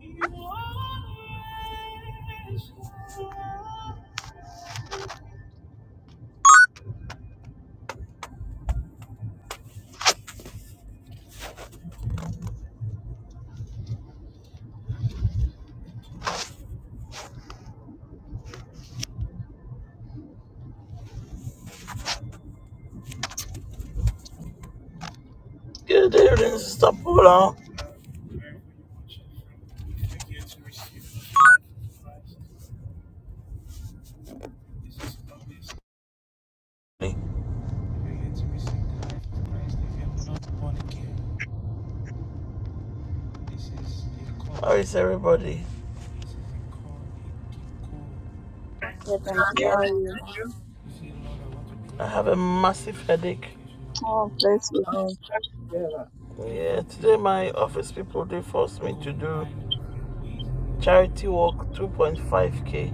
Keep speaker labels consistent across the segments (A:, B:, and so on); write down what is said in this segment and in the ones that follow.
A: Good evening, it is. Stop. Hold on. How is everybody?
B: Okay, thank
C: Thank
B: you.
C: you.
A: Okay.
B: How are you?
C: And you?
A: I have a massive headache.
B: Oh, bless you.
C: Oh, thank you. yeah.
A: Yeah, today my office people they forced me to do charity walk 2.5k.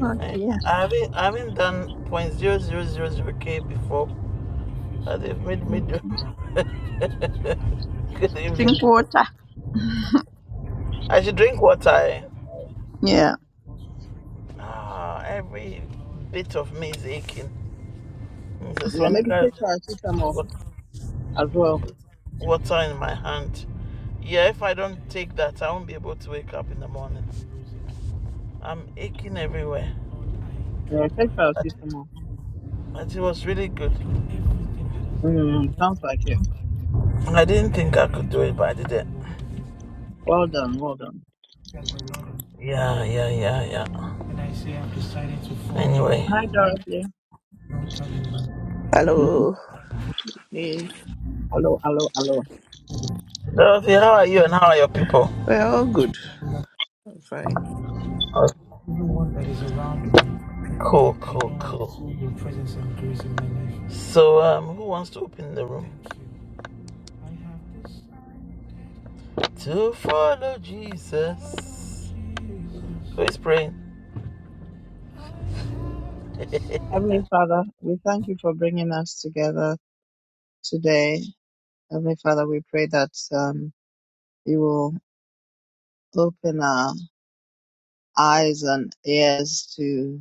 B: Oh,
A: I
B: dear.
A: I haven't I haven't done 0.0000k before. and they've made me
B: Mm,
A: do. Good evening.
B: Drink water.
A: I should drink water. eh?
B: Yeah.
A: Ah, every bit of music. in- Mrs.
C: Yeah, maybe
A: Monica
C: take
A: has just
C: paracetamol
A: got
C: as well.
A: water in my hand. Yeah, if I don't take that, I won't be able to wake up in the morning. I'm aching everywhere.
C: Yeah, take
A: But,
C: paracetamol.
A: but it was really good.
C: Mm, sounds like it.
A: I didn't think I could do it, but I did it.
C: Well done, well done.
A: Yeah, yeah, yeah, yeah. Anyway,
C: Hi, Dorothy.
D: Hello. Yeah,
C: hello, hello, hello.
A: Dorothy, how are you and how are your people?
D: we good. I'm fine.
A: Oh, Cool, cool, cool. life. So, um, who wants to open the room? to follow Jesus. Who is praying?
C: Heavenly Father, we thank you for bringing us together today. Heavenly Father, we pray that um, you will open our eyes and ears to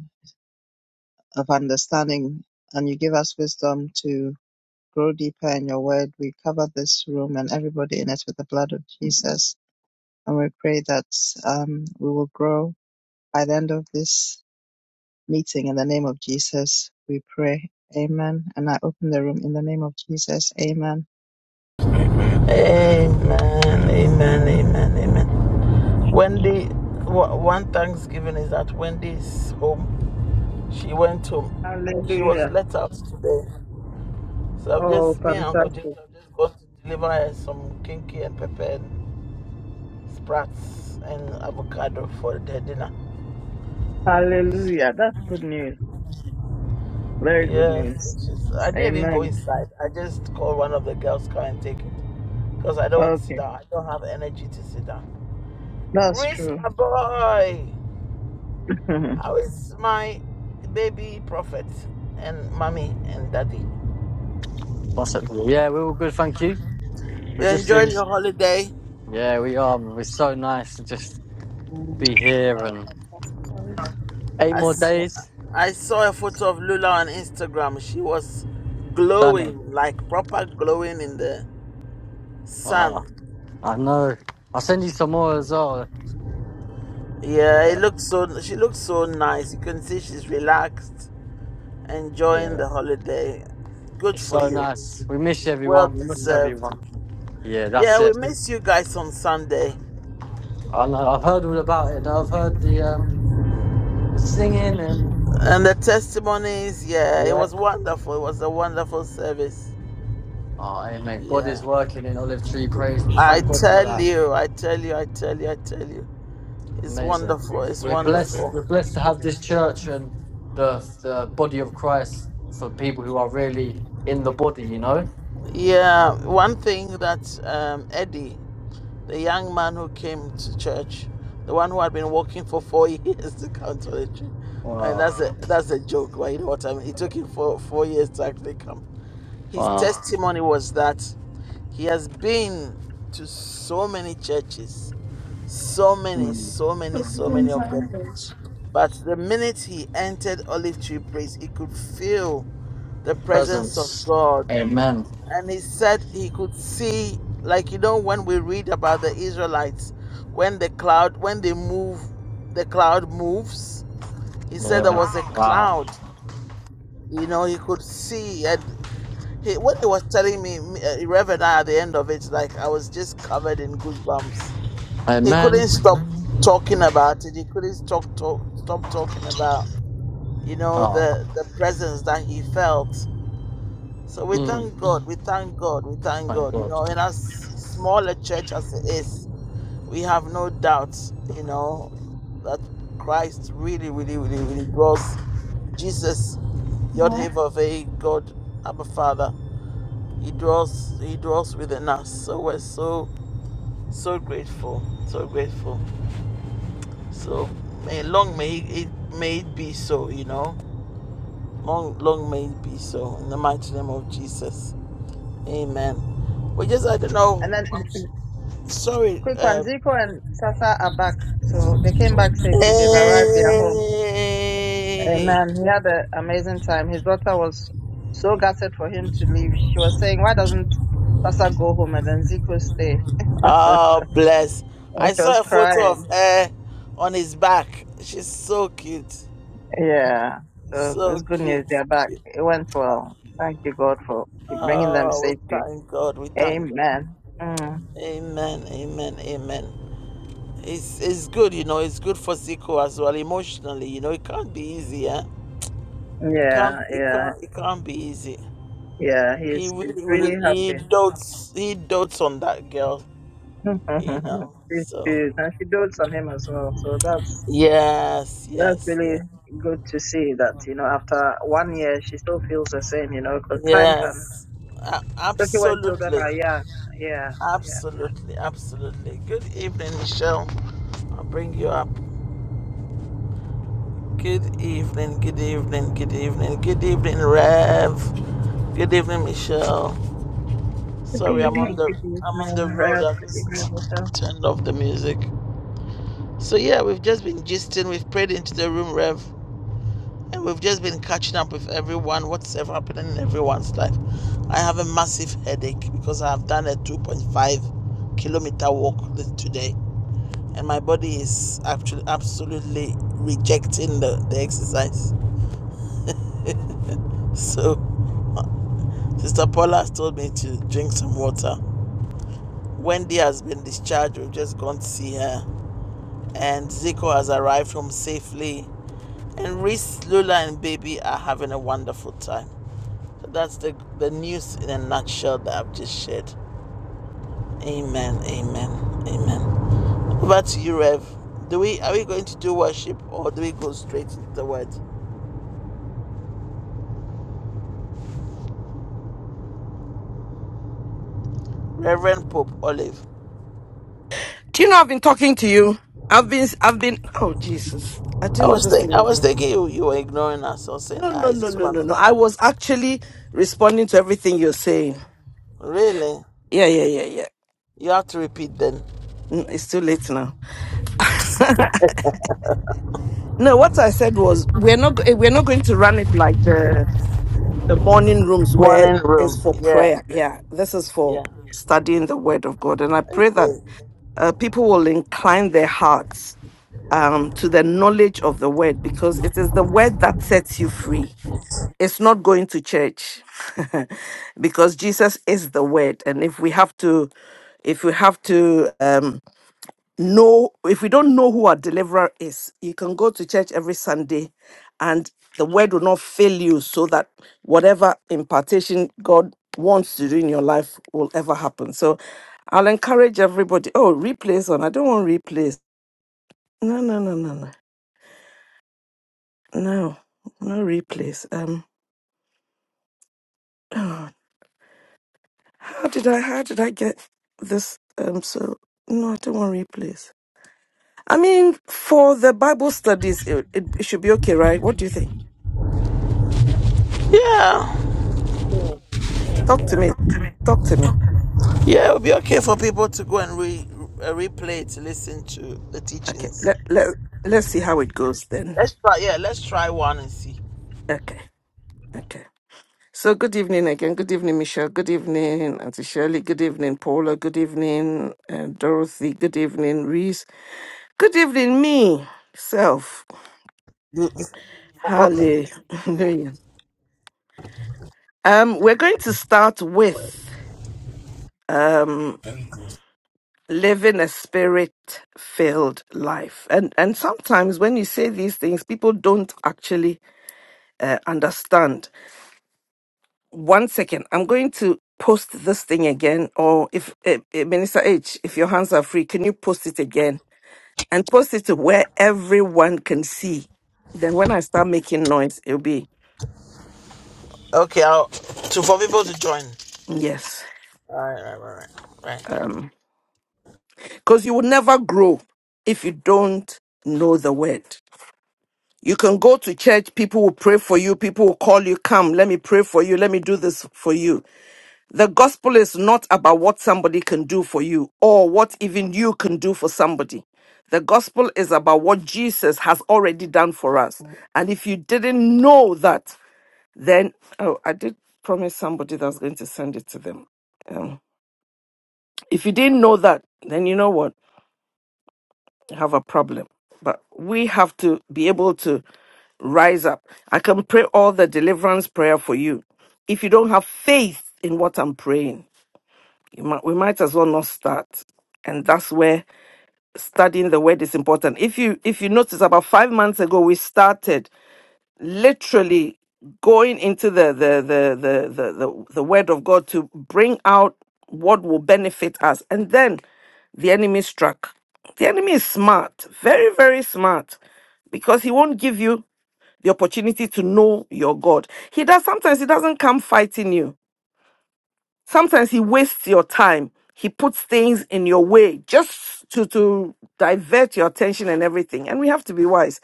C: of understanding, and you give us wisdom to grow deeper in your word. We cover this room and everybody in it with the blood of Jesus. And we pray that um, we will grow by the end of this meeting in the name of Jesus. We pray. Amen. And I open the room in the name of Jesus. Amen.
A: amen, amen, amen, amen. Wendy, one Thanksgiving is at Wendy's home. She went home. She was
C: Hallelujah.
A: let out today. So I've
C: Oh,
A: just, me and Uncle James
C: fantastic.
A: have just gone to deliver her some kinky and pepper and sprats and avocado for their dinner.
C: Hallelujah. That's good news. Very good
A: Yes,
C: news.
A: I didn't even go
C: Amen.
A: inside. I just called one of the girls, come and take it. because I don't sit
C: Okay.
A: down. I don't have energy to sit down.
C: That's
A: Reese,
C: true.
A: my boy,
C: Mm.
A: how is my baby prophet and mommy and daddy?
E: What's up? Yeah, we're all good, thank you.
A: You
E: We're just
A: enjoyed
E: in.
A: your holiday?
E: Yeah, we are. man. We're so nice to just be here
C: oh,
E: and
C: fantastic.
E: eight
A: I,
E: more
A: s-
C: Mm.
E: days.
A: I saw a photo of Lula on Instagram. She was
E: Done. 'em.
A: glowing, like proper glowing in the
E: Oh,
A: sun.
E: I know. I'll send you some more as well.
A: Yeah,
E: Yeah,
A: it looked so. She looked so nice. You can see she's relaxed, enjoying
E: yeah.
A: the holiday. Good
E: It's
A: for
E: so
A: you.
E: nice. We miss
A: Well
E: everyone. We miss
A: deserved.
E: everyone. Yeah, that's
A: Yeah, we
E: it.
A: missed you guys on Sunday.
E: I know. I've heard all about it. I've heard the um the singing and
A: And the testimonies, yeah, it
E: yeah.
A: was wonderful. It was a wonderful service.
E: Oh, amen. God is
A: Yeah.
E: working in Olive Tree Praise. We
A: I
E: thank God for
A: tell
E: that.
A: you, I tell you, I tell you, I tell you. It's
E: Amazing.
A: wonderful. It's
E: We're blessed. We're
A: wonderful.
E: blessed to have this church and the the body of Christ for people who are really in the body. You know.
A: Yeah, one thing that um, Eddie, the young man who came to church, the one who had been walking for four years to come to the church, I mean
E: Wow.
A: that's a that's a joke, but you know what I mean. It took him for four years to actually come. His
E: Wow.
A: testimony was that He has been to so many churches, so many,
E: Mm.
A: so many, so many of them. But the minute he entered Olive Tree Place, he could feel the presence of
E: Presence.
A: God.
E: Amen.
A: And he said he could see, like, you know, when we read about the Israelites, when the cloud, when they move, the cloud moves. He said there
E: Yeah.
A: was a
E: Wow.
A: cloud, you know, he could see. And He, when he was telling me, uh, Reverend, I, at the end of it, like I was just covered in goosebumps. He
E: Amen.
A: couldn't stop talking about it. He couldn't stop talk, stop talking about, you know,
E: Oh.
A: the the presence that he felt. So we
E: Mm.
A: thank God. We thank God. We thank
E: Thank
A: God. You
E: God.
A: know, in as small a church as it is, we have no doubt, you know, that Christ really, really, really, really draws Jesus, Yod Heh Vav Heh, God, Abba Father he dwells He dwells within us. So we're so so grateful, so grateful. So may long may it may it be so. You know, long long may it be so. In the mighty name of Jesus, Amen. We just I don't
C: And
A: know.
C: then
A: I'm s- sorry.
C: Quick one,
A: Uh,
C: Zico and Sasa are back. So they came back safely. They've arrived their home. And
A: Hey!
C: man, he had an amazing time. His daughter was so gutted for him to leave. She was saying, why doesn't Sasa go home and then Zico stay?
A: Oh, bless.
C: And
A: I
C: she was
A: saw a photo of
C: crying.
A: her on his back. She's so cute.
C: Yeah. So
A: So
C: it's good
A: cute.
C: news. They're back.
A: Cute.
C: It went well. Thank you, God, for bringing them
A: Oh, we
C: safely.
A: thank God. We thank God.
C: Amen. Mm.
A: Amen. Amen. Amen. It's it's good, you know. It's good for Zico as well emotionally. You know, it can't be easy. Eh? It can't.
C: Yeah,
A: It
C: yeah,
A: can't. It can't be easy.
C: yeah.
A: He
C: He's, he's
A: really,
C: really
A: really, he
C: happy.
A: dotes. He dotes on that girl. You know.
C: She's
A: So
C: and she dotes on him as well. So that's
A: yes,
C: that's
A: yes,
C: really
A: yes,
C: good to see that you know after one year she still feels the same. You know, because time can,
A: yes. A-
C: especially when children
A: absolutely,
C: are young. Yeah, yeah.
A: absolutely, absolutely. Good evening, Michelle. I'll bring you up. Good evening, good evening, good evening, good evening, Rev. Good evening, Michelle.
C: Good
A: Sorry, I'm on
C: evening,
A: the
C: good
A: I'm on the
C: evening,
A: road.
C: Rev.
A: I've
C: Good evening,
A: just
C: Michelle.
A: turned off the music. So yeah, we've just been gisting, we've prayed into the room, Rev, and we've just been catching up with everyone, what's ever happening in everyone's life. I have a massive headache because I have done a 2.5 kilometer walk th- today, and my body is actually absolutely rejecting the, the exercise. So Sister Paula has told me to drink some water. Wendy has been discharged. We've just gone to see her. And Zico has arrived home safely. And Reese, Lula, and Baby are having a wonderful time. So that's the, the news in a nutshell that I've just shared. Amen, amen, amen. Over to you, Rev. Do we are we going to do worship or do we go straight into the word? Reverend Pope Olive.
F: Do you know I've been talking to you? I've been, I've been, oh Jesus. I
A: I
F: didn't know
A: was
F: this
A: think
F: thing
A: I
F: was.
A: was thinking you, you were ignoring us. I was saying,
F: No,
A: ah,
F: no,
A: is
F: no,
A: this
F: no, no,
A: one?
F: no. I was actually responding to everything you're saying.
A: Really?
F: Yeah, yeah, yeah, yeah.
A: You have to repeat then.
F: Mm, It's too late now. No, what I said was we're not go- eh, we're not going to run it like the the morning rooms
A: One
F: where
A: in the
F: it's
A: room.
F: for
A: Yeah,
F: prayer. Yeah, this is for
A: yeah.
F: studying the Word of God, and I pray that
A: Okay.
F: uh, people will incline their hearts um, to the knowledge of the word because it is the word that sets you free. It's not going to church because Jesus is the word. And if we have to, if we have to um, know, if we don't know who our deliverer is, you can go to church every Sunday and the word will not fail you so that whatever impartation God wants to do in your life will ever happen. So I'll encourage everybody. Oh, replays on. I don't want replays. No, no, no, no, no. No, no replays. Um, oh, how did I? How did I get this? Um, so no, I don't want replays. I mean, for the Bible studies, it, it, it should be okay, right? What do you think?
A: Yeah,
C: Cool. Yeah.
F: Talk to me. Talk to me.
A: yeah. It would be okay for people to go and re uh, replay it, to listen to the
F: Okay.
A: teachings.
F: Let let let's see how it goes then.
A: Let's try. Yeah, let's try one and see.
F: Okay. Okay. So good evening again. Good evening, Michelle. Good evening, Auntie Shirley. Good evening, Paula. Good evening, uh, Dorothy. Good evening, Reese. Good evening, me self.
A: You, you forgot me.
F: Hallelujah. Um, we're going to start with um, living a spirit-filled life, and and sometimes when you say these things, people don't actually uh, understand. One second, I'm going to post this thing again, or if eh, eh, Minister H, if your hands are free, can you post it again and post it to where everyone can see? Then when I start making noise, it'll be
A: Okay, I'll to for people to join.
F: yes,
A: All right, all right, all right, all right.
F: because you will never grow if you don't know the word. You can go to church, people will pray for you, people will call you, come, let me pray for you, let me do this for you. The gospel is not about what somebody can do for you or what even you can do for somebody. The gospel is about what Jesus has already done for us. And if you didn't know that, then, oh, I did promise somebody that I was going to send it to them. Um, if you didn't know that, then you know what? have a problem. But we have to be able to rise up. I can pray all the deliverance prayer for you. If you don't have faith in what I'm praying, you might, we might as well not start. And that's where studying the word is important. If you if you notice, about five months ago we started literally going into the the the the the the, the word of God to bring out what will benefit us. And then the enemy struck. The enemy is smart, very, very smart, because he won't give you the opportunity to know your God. He does sometimes he doesn't come fighting you. Sometimes he wastes your time. He puts things in your way just to, to divert your attention and everything. And we have to be wise.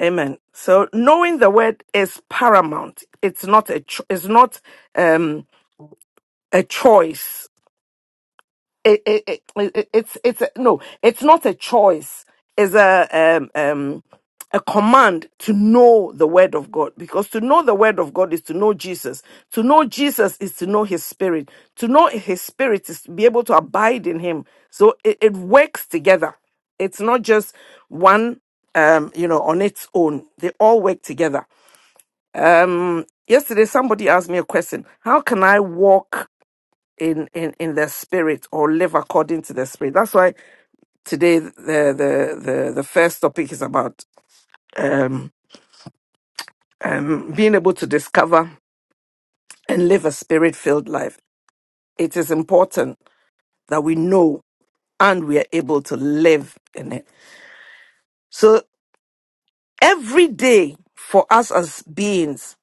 F: Amen. So knowing the word is paramount. It's not a cho- it's not um a choice. It, it, it, it- it's it's a, no, it's not a choice. It's a um um a command to know the word of God because to know the word of God is to know Jesus. To know Jesus is to know his spirit. To know his spirit is to be able to abide in him. So it, it works together. It's not just one um you know on its own. They all work together. Yesterday, somebody asked me a question: How can I walk in in in the spirit or live according to the spirit? That's why today the the the, the first topic is about um, um, being able to discover and live a spirit filled life. It is important that we know and we are able to live in it. So every day for us as beings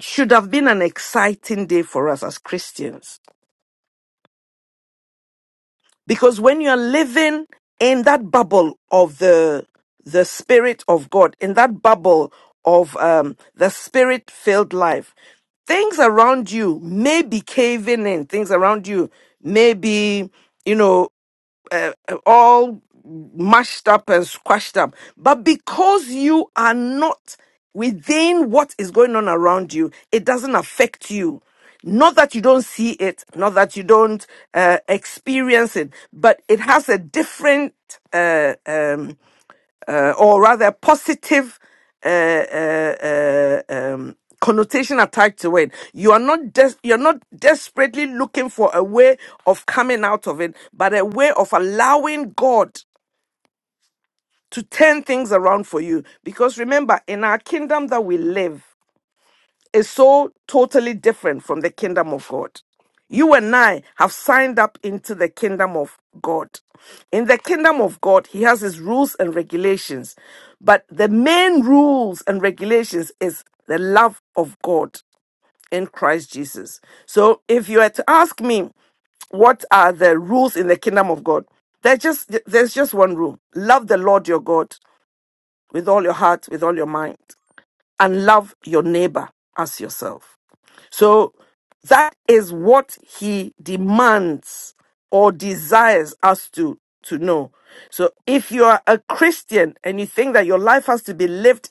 F: should have been an exciting day for us as Christians because when you're living in that bubble of the the spirit of god in that bubble of um the spirit filled life things around you may be caving in things around you may be you know all mashed up and squashed up. But because you are not within what is going on around you, it doesn't affect you. Not that you don't see it, not that you don't uh, experience it, but it has a different, uh, um, uh, or rather, positive uh, uh, uh, um, connotation attached to it. You are not des- you're not desperately looking for a way of coming out of it, but a way of allowing God to turn things around for you. Because remember, in our kingdom that we live is so totally different from the kingdom of God. You and I have signed up into the kingdom of God. In the kingdom of God, He has His rules and regulations. But the main rules and regulations is the love of God in Christ Jesus. So if you were to ask me, what are the rules in the kingdom of God? There's just there's just one rule. Love the Lord your God with all your heart, with all your mind, and love your neighbor as yourself. So that is what he demands or desires us to, to know. So if you are a Christian and you think that your life has to be lived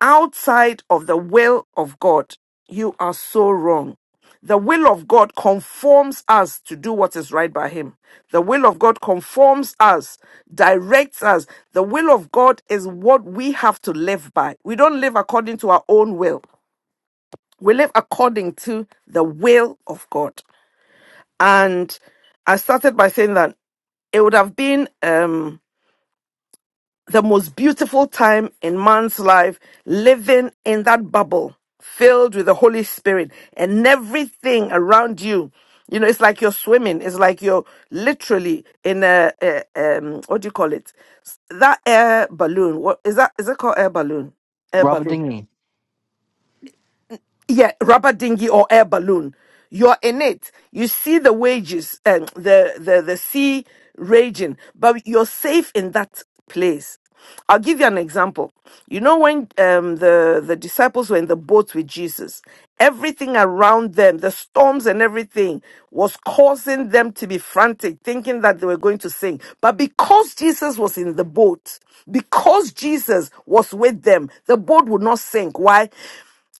F: outside of the will of God, you are so wrong. The will of God conforms us to do what is right by Him. The will of God conforms us, directs us. The will of God is what we have to live by. We don't live according to our own will, we live according to the will of God. And I started by saying that it would have been. Um, the most beautiful time in man's life living in that bubble filled with the Holy Spirit and everything around you. You know, it's like you're swimming. It's like you're literally in a, a um, what do you call it? That air balloon. What is that? Is it called air balloon? Air
E: Robert
F: balloon
E: Dingley.
F: yeah, rubber dinghy or air balloon. You're in it. You see the wages and the, the the sea raging, but you're safe in that place. I'll give you an example. You know when um, the the disciples were in the boat with Jesus, everything around them, the storms and everything, was causing them to be frantic, thinking that they were going to sink. But because Jesus was in the boat, because Jesus was with them, the boat would not sink. Why?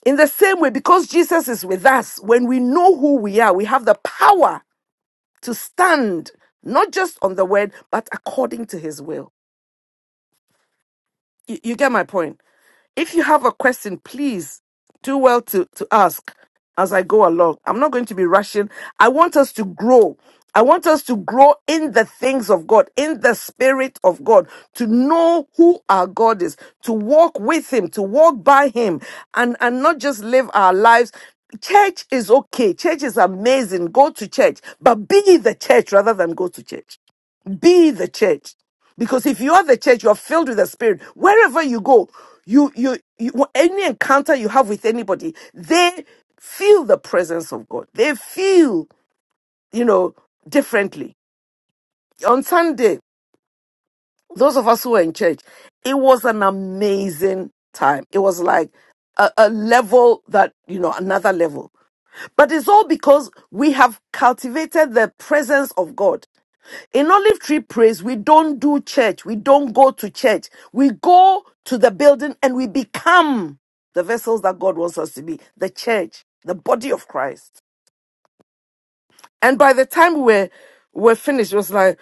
F: In the same way, because Jesus is with us, when we know who we are, we have the power to stand not just on the word, but according to his will. You, you get my point. If you have a question, please do well to, to ask as I go along. I'm not going to be rushing. I want us to grow. I want us to grow in the things of God, in the spirit of God, to know who our God is, to walk with Him, to walk by Him, and, and not just live our lives. Church is okay. Church is amazing. Go to church, but be the church rather than go to church be the church because if you are the church you are filled with the spirit wherever you go you you, you any encounter you have with anybody they feel the presence of god they feel you know differently on sunday those of us who were in church it was an amazing time it was like a, a level that you know another level but it's all because we have cultivated the presence of god In Olive Tree Praise, we don't do church. We don't go to church. We go to the building and we become the vessels that God wants us to be the church, the body of Christ. And by the time we're, we're finished, it was like,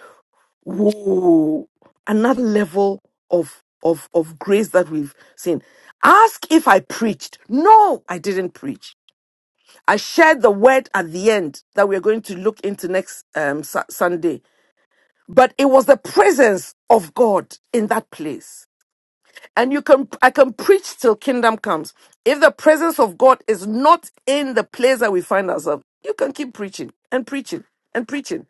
F: whoa, another level of, of, of grace that we've seen. Ask if I preached. No, I didn't preach. I shared the word at the end that we're going to look into next um, Su- Sunday. but it was the presence of God in that place. And you can, I can preach till kingdom comes. If the presence of God is not in the place that we find ourselves, you can keep preaching and preaching and preaching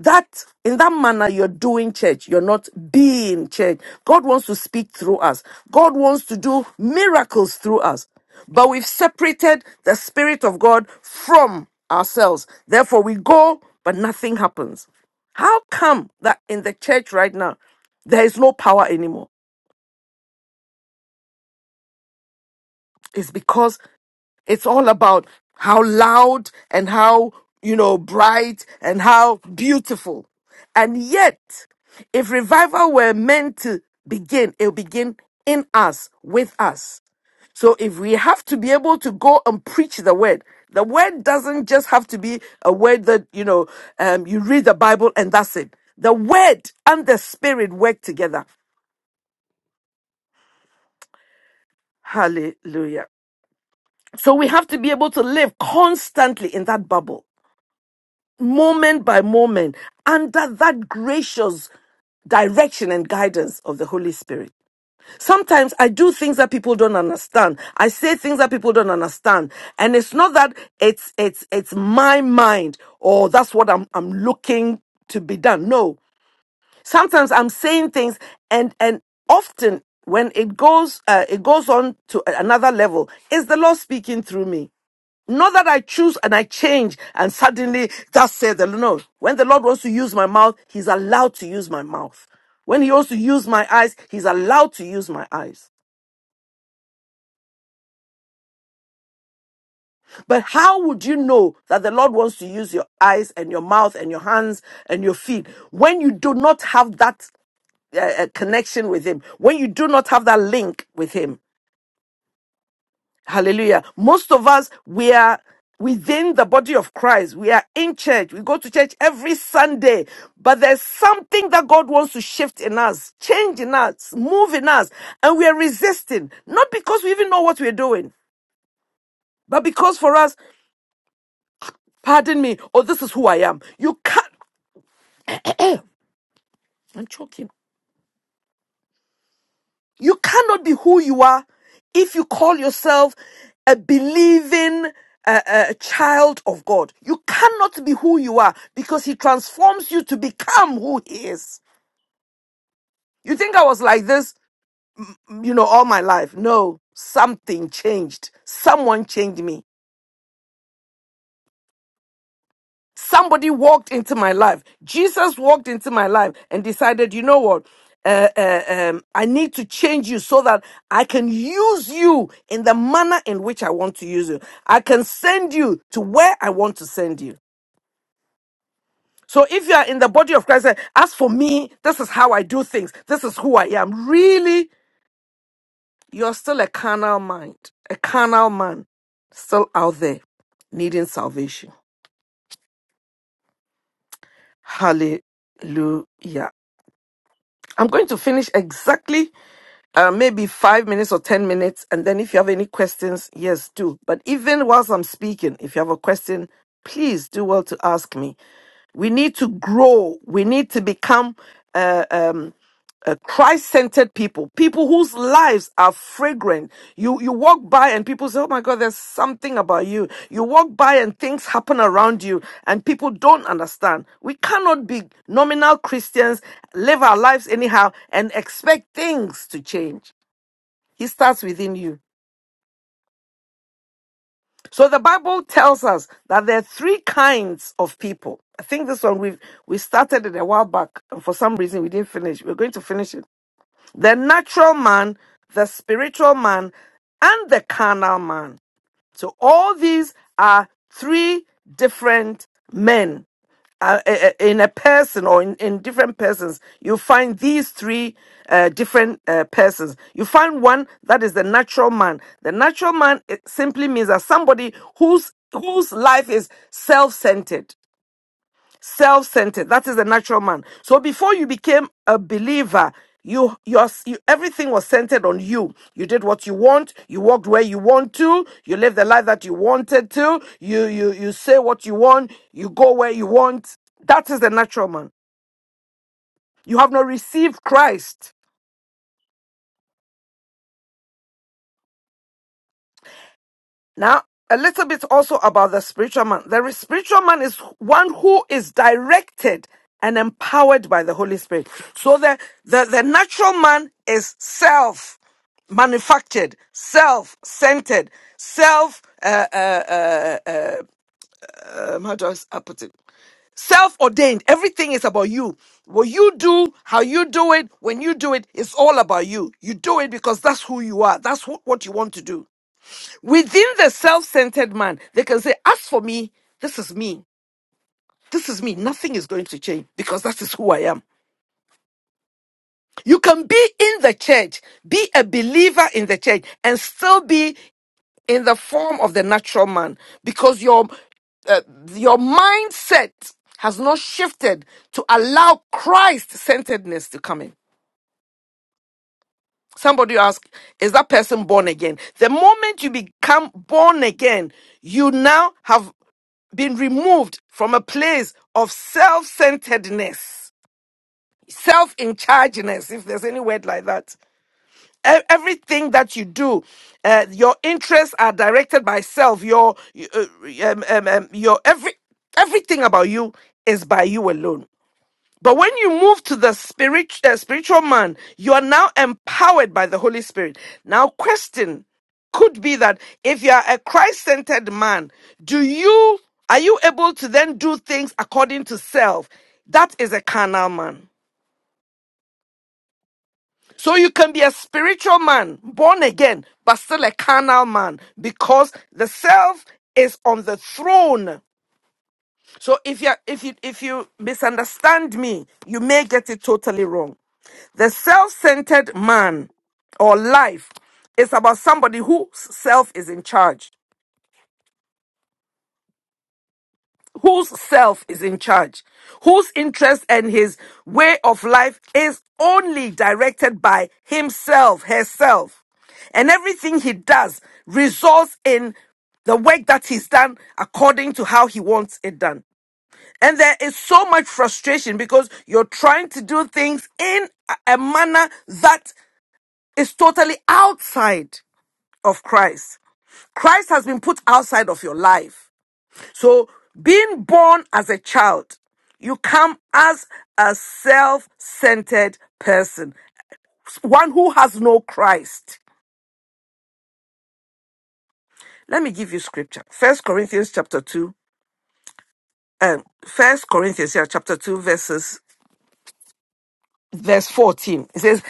F: that in that manner you're doing church you're not being church god wants to speak through us god wants to do miracles through us but we've separated the spirit of god from ourselves therefore we go but nothing happens how come that in the church right now there is no power anymore it's because It's all about how loud and how, you know, bright and how beautiful. And yet, if revival were meant to begin, it'll begin in us, with us. So if we have to be able to go and preach the word, the word doesn't just have to be a word that, you know, um, you read the Bible and that's it. The word and the spirit work together. Hallelujah. So we have to be able to live constantly in that bubble moment by moment under that gracious direction and guidance of the Holy Spirit. Sometimes I do things that people don't understand. I say things that people don't understand. And it's not that it's it's it's my mind or that's what I'm I'm looking to be done. No. Sometimes I'm saying things and and often when it goes uh, it goes on to another level, is the Lord speaking through me. Not that I choose and I change and suddenly that said the Lord. No. When the Lord wants to use my mouth, He's allowed to use my mouth. When He wants to use my eyes, He's allowed to use my eyes. But how would you know that the Lord wants to use your eyes and your mouth and your hands and your feet when you do not have that uh, uh, connection with Him, when you do not have that link with Him? Hallelujah. Most of us, we are within the body of Christ. We are in church. We go to church every Sunday. But there's something that God wants to shift in us, change in us, move in us. And we are resisting. Not because we even know what we're doing, but because for us, pardon me, oh, this is who I am. You can't. I'm choking. You cannot be who you are if you call yourself a believing uh, uh, child of God. You cannot be who you are because He transforms you to become who He is. You think I was like this, you know, all my life? No, something changed. Someone changed me. somebody walked into my life. Jesus walked into my life and decided, you know what? Uh, uh, um, I need to change you so that I can use you in the manner in which I want to use you. I can send you to where I want to send you. So if you are in the body of Christ, say, as for me, this is how I do things. This is who I am. Really, you're still a carnal mind, a carnal man, still out there needing salvation. Hallelujah. I'm going to finish exactly uh, maybe five minutes or 10 minutes. And then if you have any questions, yes, do. But even whilst I'm speaking, if you have a question, please do well to ask me. We need to grow. We need to become. uh, um, Christ centered people, people whose lives are fragrant. You, you walk by and people say, Oh my God, there's something about you. You walk by and things happen around you and people don't understand. We cannot be nominal Christians, live our lives anyhow and expect things to change. He starts within you. So the Bible tells us that there are three kinds of people. I think this one we we started it a while back, and for some reason we didn't finish. We're going to finish it the natural man, the spiritual man, and the carnal man. So all these are three different men uh, uh, uh, in a person or in, in different persons, you find these three uh, different uh, persons. You find one that is the natural man. The natural man it simply means that somebody whose whose life is self-centered self centered. That is the natural man. So before you became a believer, you, your, you everything was centered on you. You did what you want. You walked where you want to. You lived the life that you wanted to. You you you say what you want. You go where you want. That is the natural man. You have not received Christ. Now, a little bit also about the spiritual man. The spiritual man is one who is directed and empowered by the Holy Spirit. So the, the, the natural man is self manufactured, self centered, self, uh, uh, uh, um, how do I s- I put it? self ordained. Everything is about you. What you do, how you do it, when you do it, it's all about you. You do it because that's who you are. That's wh- what you want to do. Within the self centered man, they can say, As for me, this is me. This is me. Nothing is going to change because that is who I am. You can be in the church, be a believer in the church, and still be in the form of the natural man because your, uh, your mindset has not shifted to allow Christ centeredness to come in. Somebody ask, is that person born again? The moment you become born again, you now have been removed from a place of self centeredness, self in chargeness, if there's any word like that. E- Everything that you do, uh, your interests are directed by self. Your uh, um, um, um, your every everything about you is by you alone. But when you move to the spirit, uh, spiritual man, you are now empowered by the Holy Spirit. Now, question could be that if you are a Christ-centered man, do you are you able to then do things according to self? That is a carnal man. So you can be a spiritual man, born again, but still a carnal man because the self is on the throne So if you if you if you misunderstand me, you may get it totally wrong. The self-centered man or life is about somebody whose self is in charge, whose self is in charge, whose interest and his way of life is only directed by himself, herself. And everything he does results in the work that he's done according to how he wants it done. And there is so much frustration because you're trying to do things in a a manner that is totally outside of Christ. Christ has been put outside of your life. So, being born as a child, you come as a self centered person, one who has no Christ. Let me give you scripture. First Corinthians chapter 2, um, First Corinthians yeah, chapter 2, verses verse 14. It says,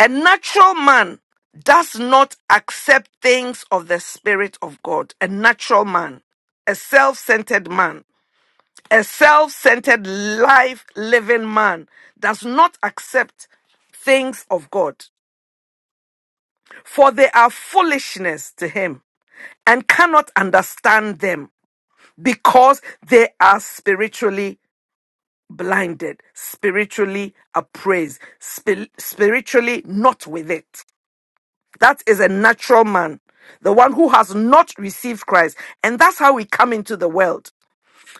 F: A natural man does not accept things of the Spirit of God. A natural man, a self centered man, a self centered life living man does not accept things of God, for they are foolishness to him and cannot understand them because they are spiritually blinded, spiritually appraised, spi- spiritually not with it. That is a natural man, the one who has not received Christ. And that's how we come into the world.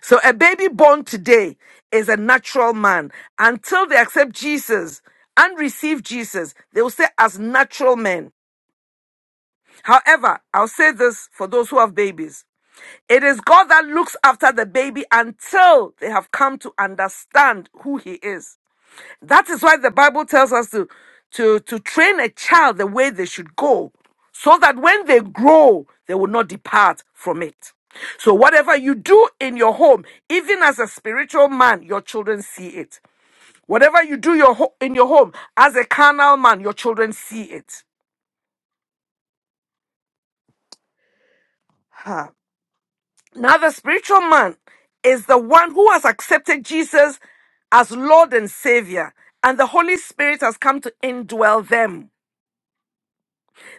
F: So a baby born today is a natural man. Until they accept Jesus and receive Jesus, they will stay as natural men. However, I'll say this for those who have babies. It is God that looks after the baby until they have come to understand who he is. That is why the Bible tells us to, to, to train a child the way they should go, so that when they grow, they will not depart from it. So, whatever you do in your home, even as a spiritual man, your children see it. Whatever you do your ho- in your home, as a carnal man, your children see it. Huh. Now, the spiritual man is the one who has accepted Jesus as Lord and Savior, and the Holy Spirit has come to indwell them.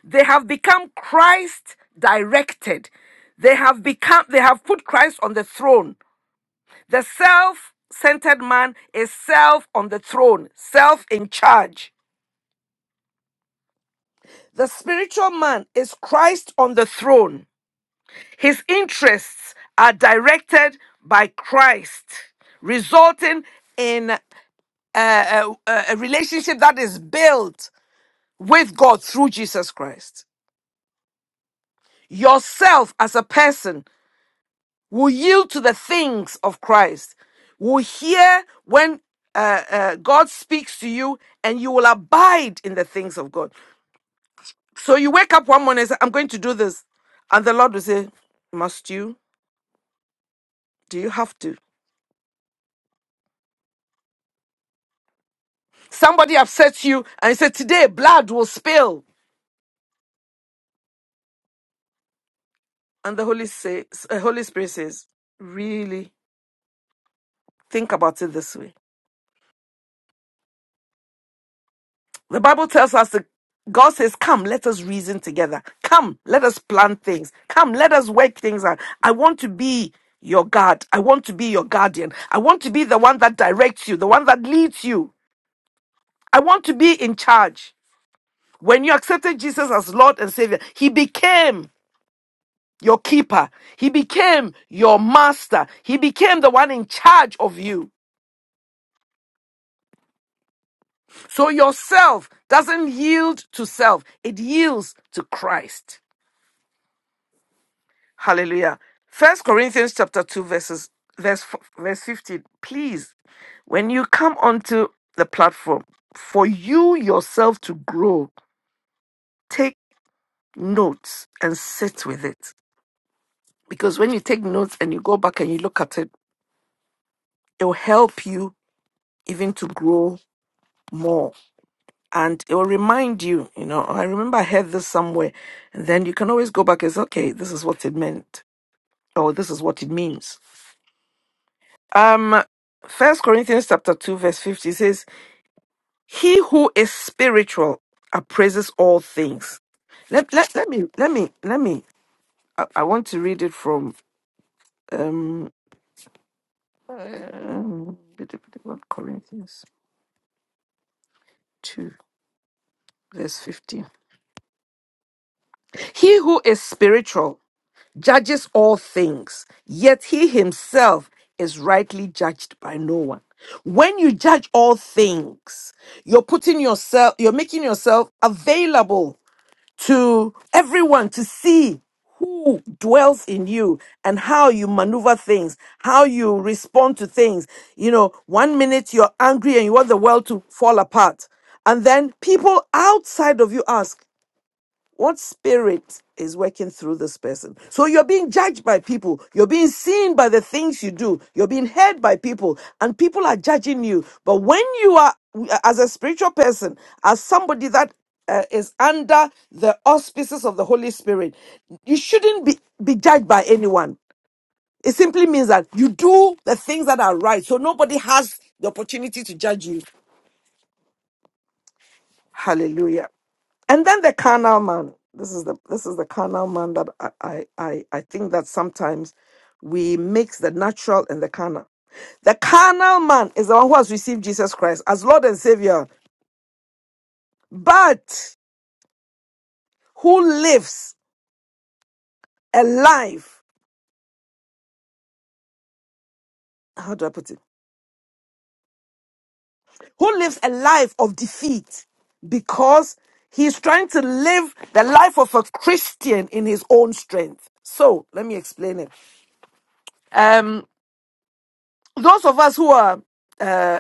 F: They have become Christ directed. They have become they have put Christ on the throne. The self-centered man is self on the throne, self in charge. The spiritual man is Christ on the throne. His interests are directed by Christ, resulting in a, a, a a relationship that is built with God through Jesus Christ. Yourself as a person will yield to the things of Christ, will hear when uh, uh, God speaks to you, and you will abide in the things of God. So you wake up one morning and say, I'm going to do this. And the Lord will say, Must you? Do you have to? Somebody upsets you and you say, Today blood will spill. And the Holy, say, uh, Holy Spirit says, Really? Think about it this way. The Bible tells us to God says, Come, let us reason together. Come, let us plan things. Come, let us work things out. I want to be your God. I want to be your guardian. I want to be the one that directs you, the one that leads you. I want to be in charge. When you accepted Jesus as Lord and Savior, He became your keeper. He became your master. He became the one in charge of you. So yourself doesn't yield to self, it yields to Christ. Hallelujah. First Corinthians chapter 2 verses verse f- verse 15. Please, when you come onto the platform for you yourself to grow, take notes and sit with it. Because when you take notes and you go back and you look at it, it will help you even to grow more. And it will remind you, you know, "Oh, I remember I heard this somewhere. And then you can always go back and say, okay, this is what it meant, or this is what it means. Um, First Corinthians chapter two verse fifty says, "He who is spiritual appraises all things." Let let, let me let me let me. I, I want to read it from um um, what Corinthians two verse fifty. He who is spiritual judges all things, yet he himself is rightly judged by no one. When you judge all things, you're putting yourself, you're making yourself available to everyone to see who dwells in you and how you maneuver things, how you respond to things. You know, one minute you're angry and you want the world to fall apart. And then people outside of you ask, what spirit is working through this person? So you're being judged by people. You're being seen by the things you do. You're being heard by people, and people are judging you. But when you are, as a spiritual person, as somebody that uh, is under the auspices of the Holy Spirit, you shouldn't be, be judged by anyone. It simply means that you do the things that are right. So nobody has the opportunity to judge you. Hallelujah. And then the carnal man. This is the this is the carnal man that I I I, I think that sometimes we mix the natural and the carnal. The carnal man is the one who has received Jesus Christ as Lord and Savior, but who lives a life, how do I put it? Who lives a life of defeat because he's trying to live the life of a Christian in his own strength. So let me explain it. Um, those of us who are uh,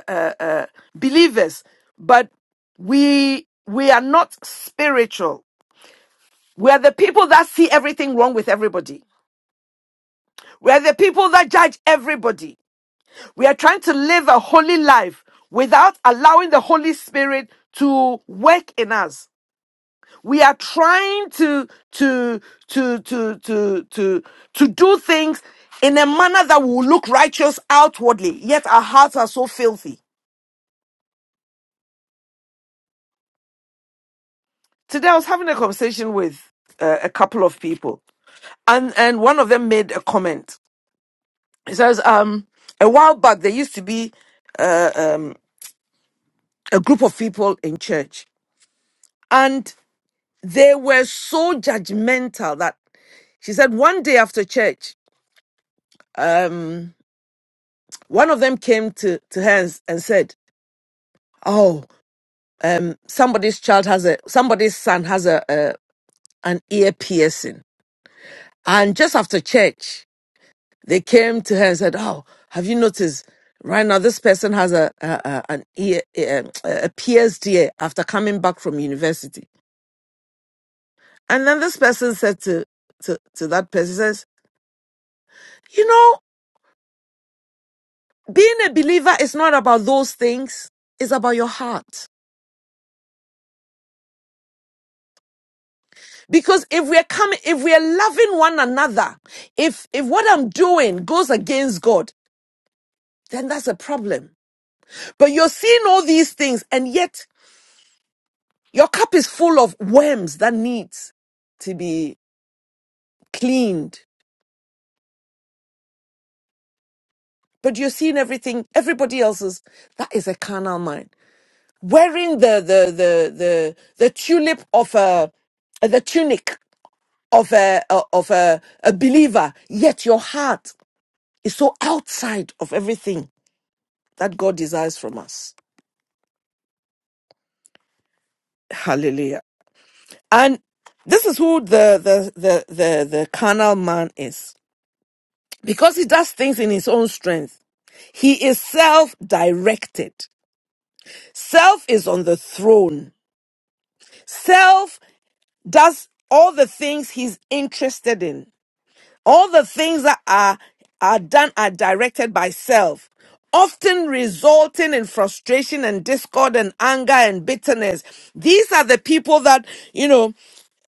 F: believers, but we we are not spiritual. We are the people that see everything wrong with everybody. We are the people that judge everybody. We are trying to live a holy life without allowing the Holy Spirit to work in us. We are trying to to to to to to to do things in a manner that will look righteous outwardly, yet our hearts are so filthy. Today I was having a conversation with uh, a couple of people and and one of them made a comment. He says, um, a while back there used to be uh, um, a group of people in church, and they were so judgmental that she said one day after church, um, one of them came to to her and, and said, "Oh, um, somebody's child has a somebody's son has a, a an ear piercing." And just after church, They came to her and said, "Oh, have you noticed? Right now, this person has a, a, a an E- a, a PhD after coming back from university." And then this person said to to to that person, "says You know, being a believer is not about those things. It's about your heart. Because if we're coming, if we're loving one another, if if what I'm doing goes against God, then that's a problem. But you're seeing all these things, and yet." Your cup is full of worms that needs to be cleaned. But you're seeing everything, everybody else's. That is a carnal mind. Wearing the the the the the tulip of a the tunic of a of a, a believer, yet your heart is so outside of everything that God desires from us. Hallelujah. And this is who the the the the, the carnal man is. Because he does things in his own strength He is self directed. Self is on the throne. Self does all the things he's interested in. All the things that are, are done are directed by self, often resulting in frustration and discord and anger and bitterness. These are the people that, you know,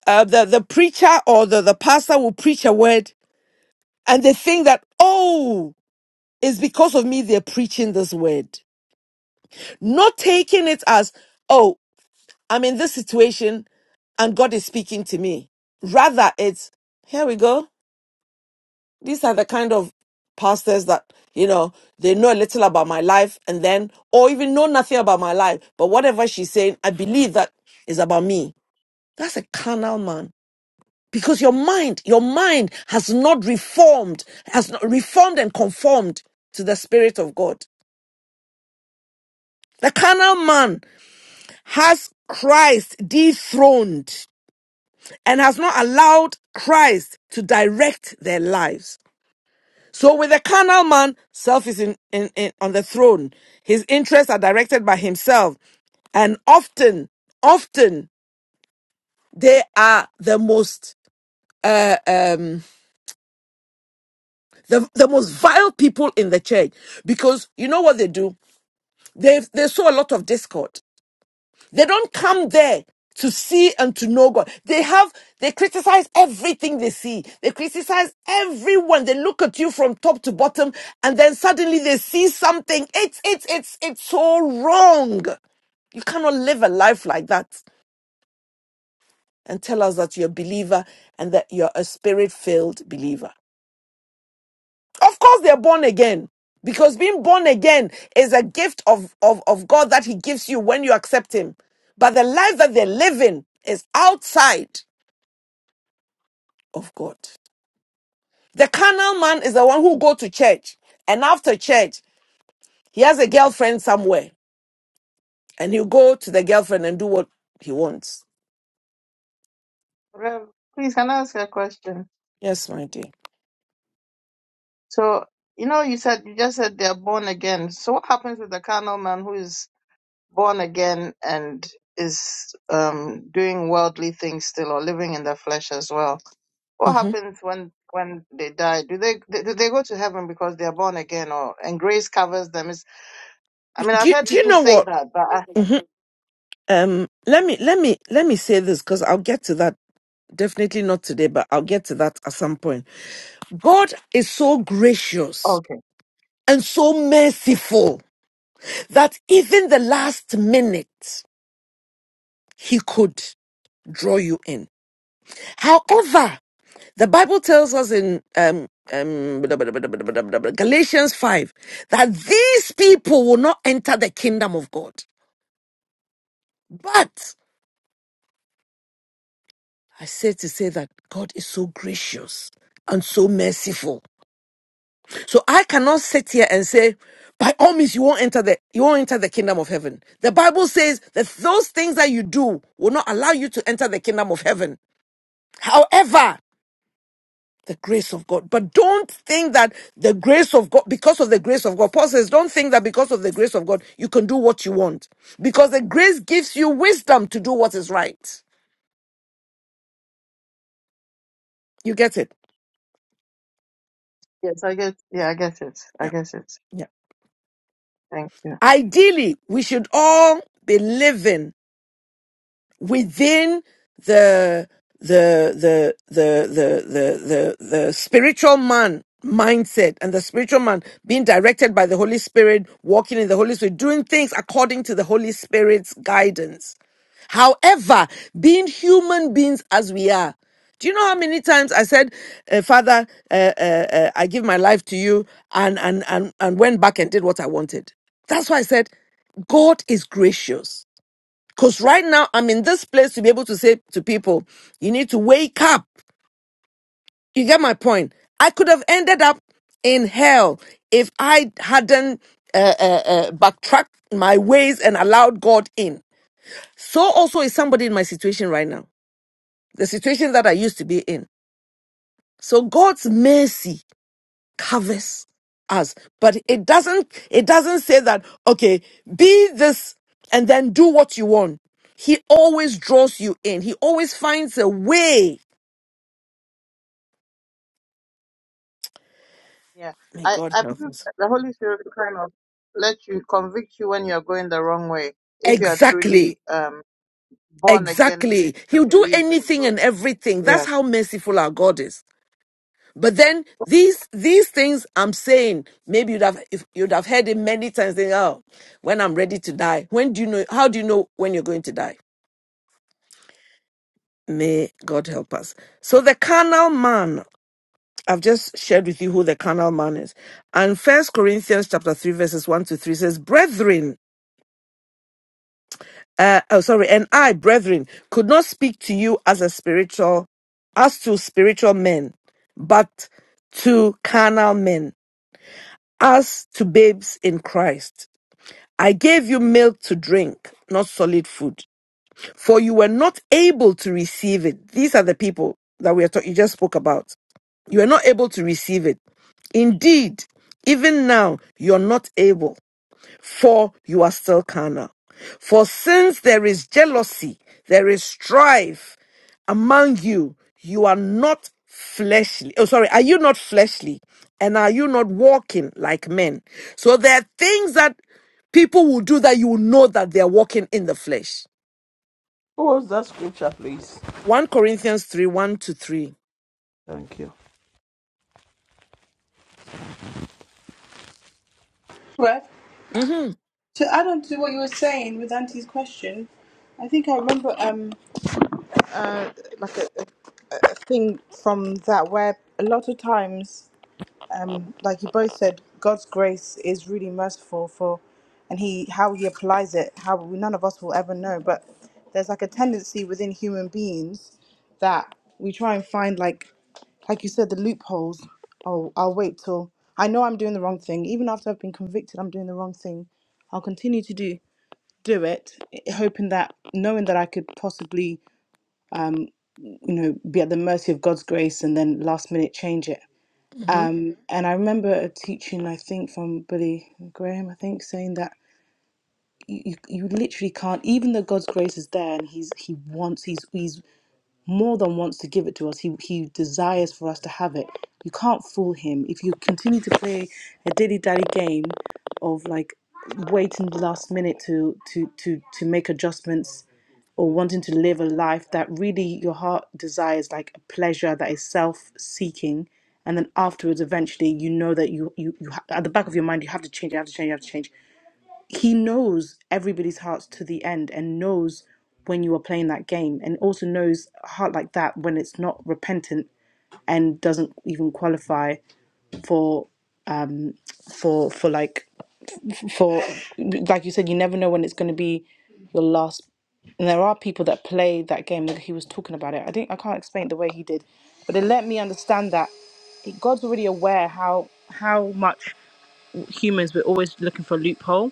F: uh, the, the preacher or the, the pastor will preach a word and they think that, oh, it's because of me they're preaching this word. Not taking it as, oh. I'm in this situation and God is speaking to me. Rather, it's here we go. These are the kind of pastors that, you know, they know a little about my life and then, or even know nothing about my life. But whatever she's saying, I believe that is about me. That's a carnal man. Because your mind, your mind has not reformed, has not reformed and conformed to the Spirit of God. The carnal man has Christ dethroned. and has not allowed Christ to direct their lives. So with the carnal man, self is in, in, in- on the throne. His interests are directed by himself. And often, often they are the most uh, um, the, the most vile people in the church because you know what they do? They they sow a lot of discord. They don't come there to see and to know God. They have, they criticize everything they see. They criticize everyone. They look at you from top to bottom and then suddenly they see something. It's, it's, it's, it's so wrong. You cannot live a life like that and tell us that you're a believer and that you're a spirit filled believer. Of course, they're born again because being born again is a gift of, of, of God that He gives you when you accept Him. But the life that they're living is outside of God. The carnal man is the one who go to church and after church he has a girlfriend somewhere and he'll go to the girlfriend and do what he wants.
C: Rev, please can I ask you a question?
F: Yes, my dear.
C: So you know, you said you just said they are born again. So what happens with the carnal man who is born again and is um, doing worldly things still or living in the flesh as well. What
F: hmm
C: happens when when they die? Do they do they go to heaven because they are born again, or and grace covers them? Is I mean
F: Do,
C: I've
F: you-
C: heard
F: do you
C: people
F: know
C: say
F: what?
C: that, but I,
F: hmm Um, let me let me let me say this because I'll get to that. Definitely not today, but I'll get to that at some point. God is so gracious
C: okay,
F: and so merciful that even the last minute, He could draw you in. However, the Bible tells us in um, um, Galatians 5 that these people will not enter the kingdom of God. But I say to say that God is so gracious and so merciful So I cannot sit here and say, by all means, you won't enter the you won't enter the kingdom of heaven. The Bible says that those things that you do will not allow you to enter the kingdom of heaven. However, the grace of God. But don't think that the grace of God, because of the grace of God, Paul says, don't think that because of the grace of God, you can do what you want. Because the grace gives you wisdom to do what is right. You get it?
C: yes, I get yeah, I get it, I
F: Yeah.
C: get it.
F: Yeah.
C: Thank you.
F: Ideally, we should all be living within the the the the the the the, the spiritual man mindset and the spiritual man being directed by the holy spirit walking in the holy spirit doing things according to the holy spirit's guidance however being human beings as we are do you know how many times I said, uh, "Father, uh, uh, uh, I give my life to you," and and and and went back and did what I wanted? That's why I said, God is gracious. Because right now I'm in this place to be able to say to people, you need to wake up. You get my point? I could have ended up in hell if I hadn't uh, uh, uh, backtracked my ways and allowed God in. So also is somebody in my situation right now, the situation that I used to be in. So God's mercy covers us but it doesn't it doesn't say that okay be this and then do what you want he always draws you in he always finds a way
C: Yeah,
F: may
C: I
F: god
C: I
F: help
C: believe
F: us
C: that the Holy Spirit will kind of let you convict you when you are going the wrong way if you are
F: exactly
C: truly um born again
F: exactly he'll
C: and
F: do
C: believe in
F: anything
C: God.
F: and everything
C: Yeah.
F: that's how merciful our god is but then these these things i'm saying maybe you'd have if you'd have heard it many times saying oh when i'm ready to die when do you know how do you know when you're going to die May God help us. So the carnal man, I've just shared with you who the carnal man is. And First Corinthians chapter 3, verses 1 to 3 says, Brethren, uh, oh sorry, and I, brethren, could not speak to you as a spiritual, as to spiritual men, but to carnal men, as to babes in Christ. I gave you milk to drink, not solid food, for you were not able to receive it. These are the people that we are talking, you just spoke about you are not able to receive it. Indeed, even now you're not able, for you are still carnal. For since there is jealousy, there is strife among you, you are not fleshly. Oh, sorry, are you not fleshly? And are you not walking like men? So there are things that people will do that you will know that they are walking in the flesh.
A: What was that scripture, please?
F: 1 Corinthians 3 1 to 3.
A: Thank you.
G: Well,
F: hmm
G: to add on to what you were saying with Auntie's question, I think I remember um uh like a, a a thing from that where a lot of times um like you both said God's grace is really merciful for and he how he applies it how we, none of us will ever know but there's like a tendency within human beings that we try and find like like you said the loopholes oh I'll wait till I know I'm doing the wrong thing even after I've been convicted I'm doing the wrong thing I'll continue to do do it, eh, hoping that knowing that I could possibly, you know, be at the mercy of God's grace and then last minute change it.
F: hmm
G: And I remember a teaching, I think, from Billy Graham, I think, saying that you, you, literally can't, even though God's grace is there and he's, he wants, he's, he's more than wants to give it to us. He, he desires for us to have it. You can't fool him. If you continue to play a dilly dally game of like waiting the last minute to, to, to, to make adjustments or wanting to live a life that really your heart desires, like a pleasure that is self seeking. And then afterwards, eventually, you know that you, you, you ha- at the back of your mind, you have to change, you have to change, you have to change he knows everybody's hearts to the end and knows when you are playing that game and also knows a heart like that when it's not repentant and doesn't even qualify for for for like for like you said you never know when it's going to be your last and there are people that play that game that he was talking about it i think i can't explain it the way he did but it let me understand that god's already aware how how much humans we're always looking for a loophole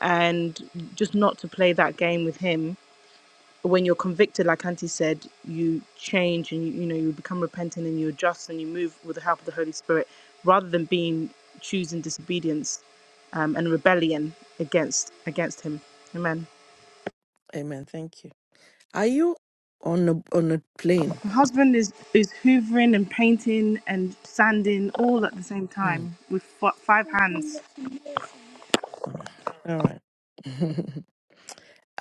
G: and just not to play that game with him when you're convicted, like Auntie said, you change and you, you know you become repentant and you adjust and you move with the help of the Holy Spirit, rather than being choosing disobedience um, and rebellion against against Him. Amen.
F: Amen. Thank you. Are you on a on a plane?
G: My husband is is hoovering and painting and sanding all at the same
F: Mm,
G: time with f- five hands.
F: all right.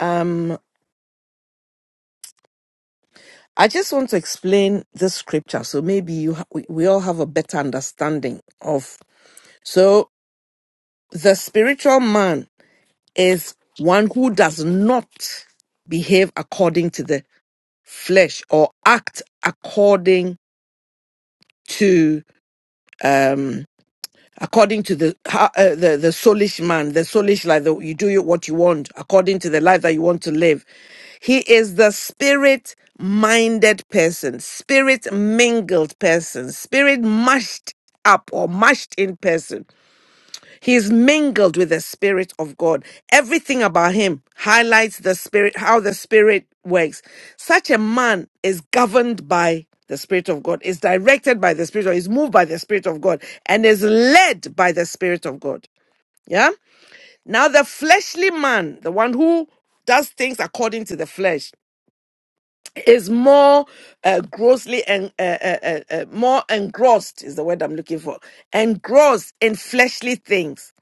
F: Um, I just want to explain this scripture, so maybe you ha- we, we all have a better understanding of. So the spiritual man is one who does not behave according to the flesh or act according to um, according to the ha- uh, the the soulish man, the soulish life. The, you do what you want according to the life that you want to live. He is the spirit minded person, spirit mingled person, spirit mashed up or mashed in person. He's mingled with the Spirit of God. Everything about him highlights the Spirit, how the Spirit works. Such a man is governed by the Spirit of God, is directed by the Spirit, or is moved by the Spirit of God, and is led by the Spirit of God. Yeah? Now, the fleshly man, the one who does things according to the flesh, is more uh, grossly and uh, uh, uh, uh, more engrossed is the word I'm looking for. Engrossed in fleshly things.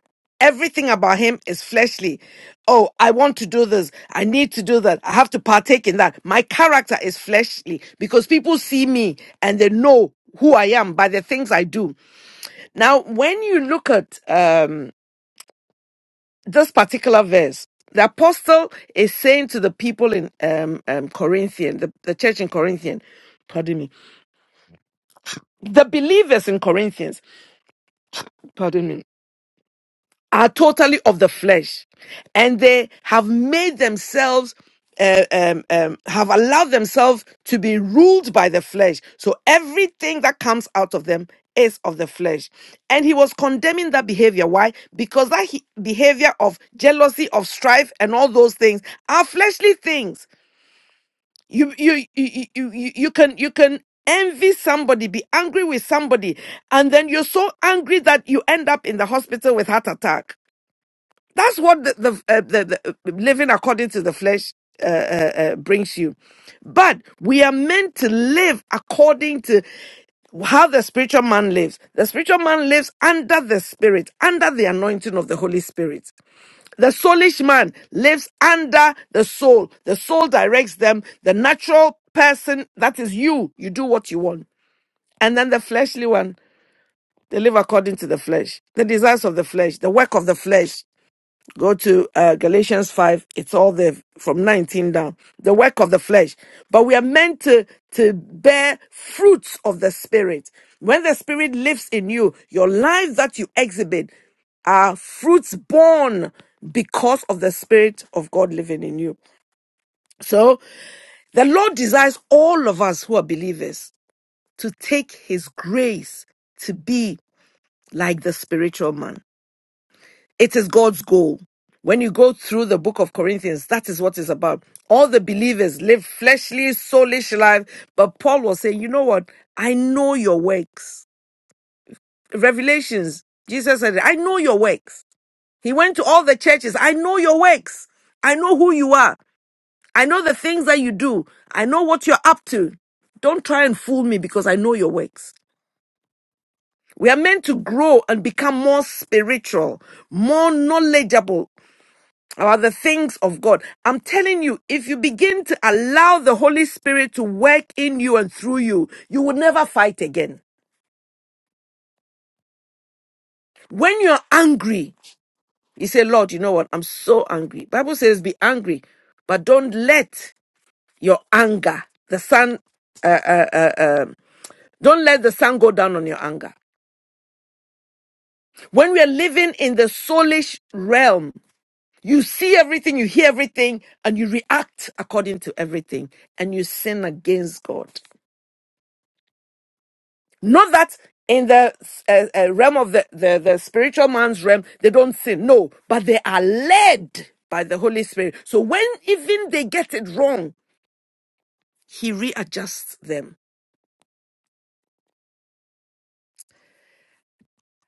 F: Everything about him is fleshly. Oh, I want to do this. I need to do that. I have to partake in that. My character is fleshly because people see me and they know who I am by the things I do. Now, when you look at um, this particular verse. The apostle is saying to the people in um, um, Corinthian, the, the church in Corinthian, pardon me, the believers in Corinthians, pardon me, are totally of the flesh and they have made themselves uh, um, um, have allowed themselves to be ruled by the flesh so everything that comes out of them is of the flesh and he was condemning that behavior why because that he- behavior of jealousy of strife and all those things are fleshly things you you you you, you, you you can you can envy somebody be angry with somebody and then you're so angry that you end up in the hospital with heart attack that's what the the, uh, the, the living according to the flesh uh, uh, uh, brings you. But we are meant to live according to how the spiritual man lives. The spiritual man lives under the Spirit, under the anointing of the Holy Spirit. The soulish man lives under the soul. The soul directs them. The natural person, that is you, you do what you want. And then the fleshly one, they live according to the flesh, the desires of the flesh, the work of the flesh. Go to uh, Galatians 5. It's all the from 19 down. The work of the flesh. But we are meant to, to bear fruits of the Spirit. When the Spirit lives in you, your lives that you exhibit are fruits born because of the Spirit of God living in you. So the Lord desires all of us who are believers to take His grace to be like the spiritual man. It is God's goal. When you go through the book of Corinthians, that is what it's about. All the believers live fleshly, soulish life. But Paul was saying, you know what? I know your works. Revelations, Jesus said, I know your works. He went to all the churches. I know your works. I know who you are. I know the things that you do. I know what you're up to. Don't try and fool me because I know your works. We are meant to grow and become more spiritual, more knowledgeable about the things of God. I'm telling you, if you begin to allow the Holy Spirit to work in you and through you, you will never fight again. When you're angry, you say, Lord, you know what? I'm so angry. Bible says be angry, but don't let your anger, the sun, don't let the sun go down on your anger. When we are living in the soulish realm, you see everything, you hear everything, and you react according to everything, and you sin against God. Not that in the uh, uh, realm of the, the, the spiritual man's realm, they don't sin. No, but they are led by the Holy Spirit. So when even they get it wrong, He readjusts them.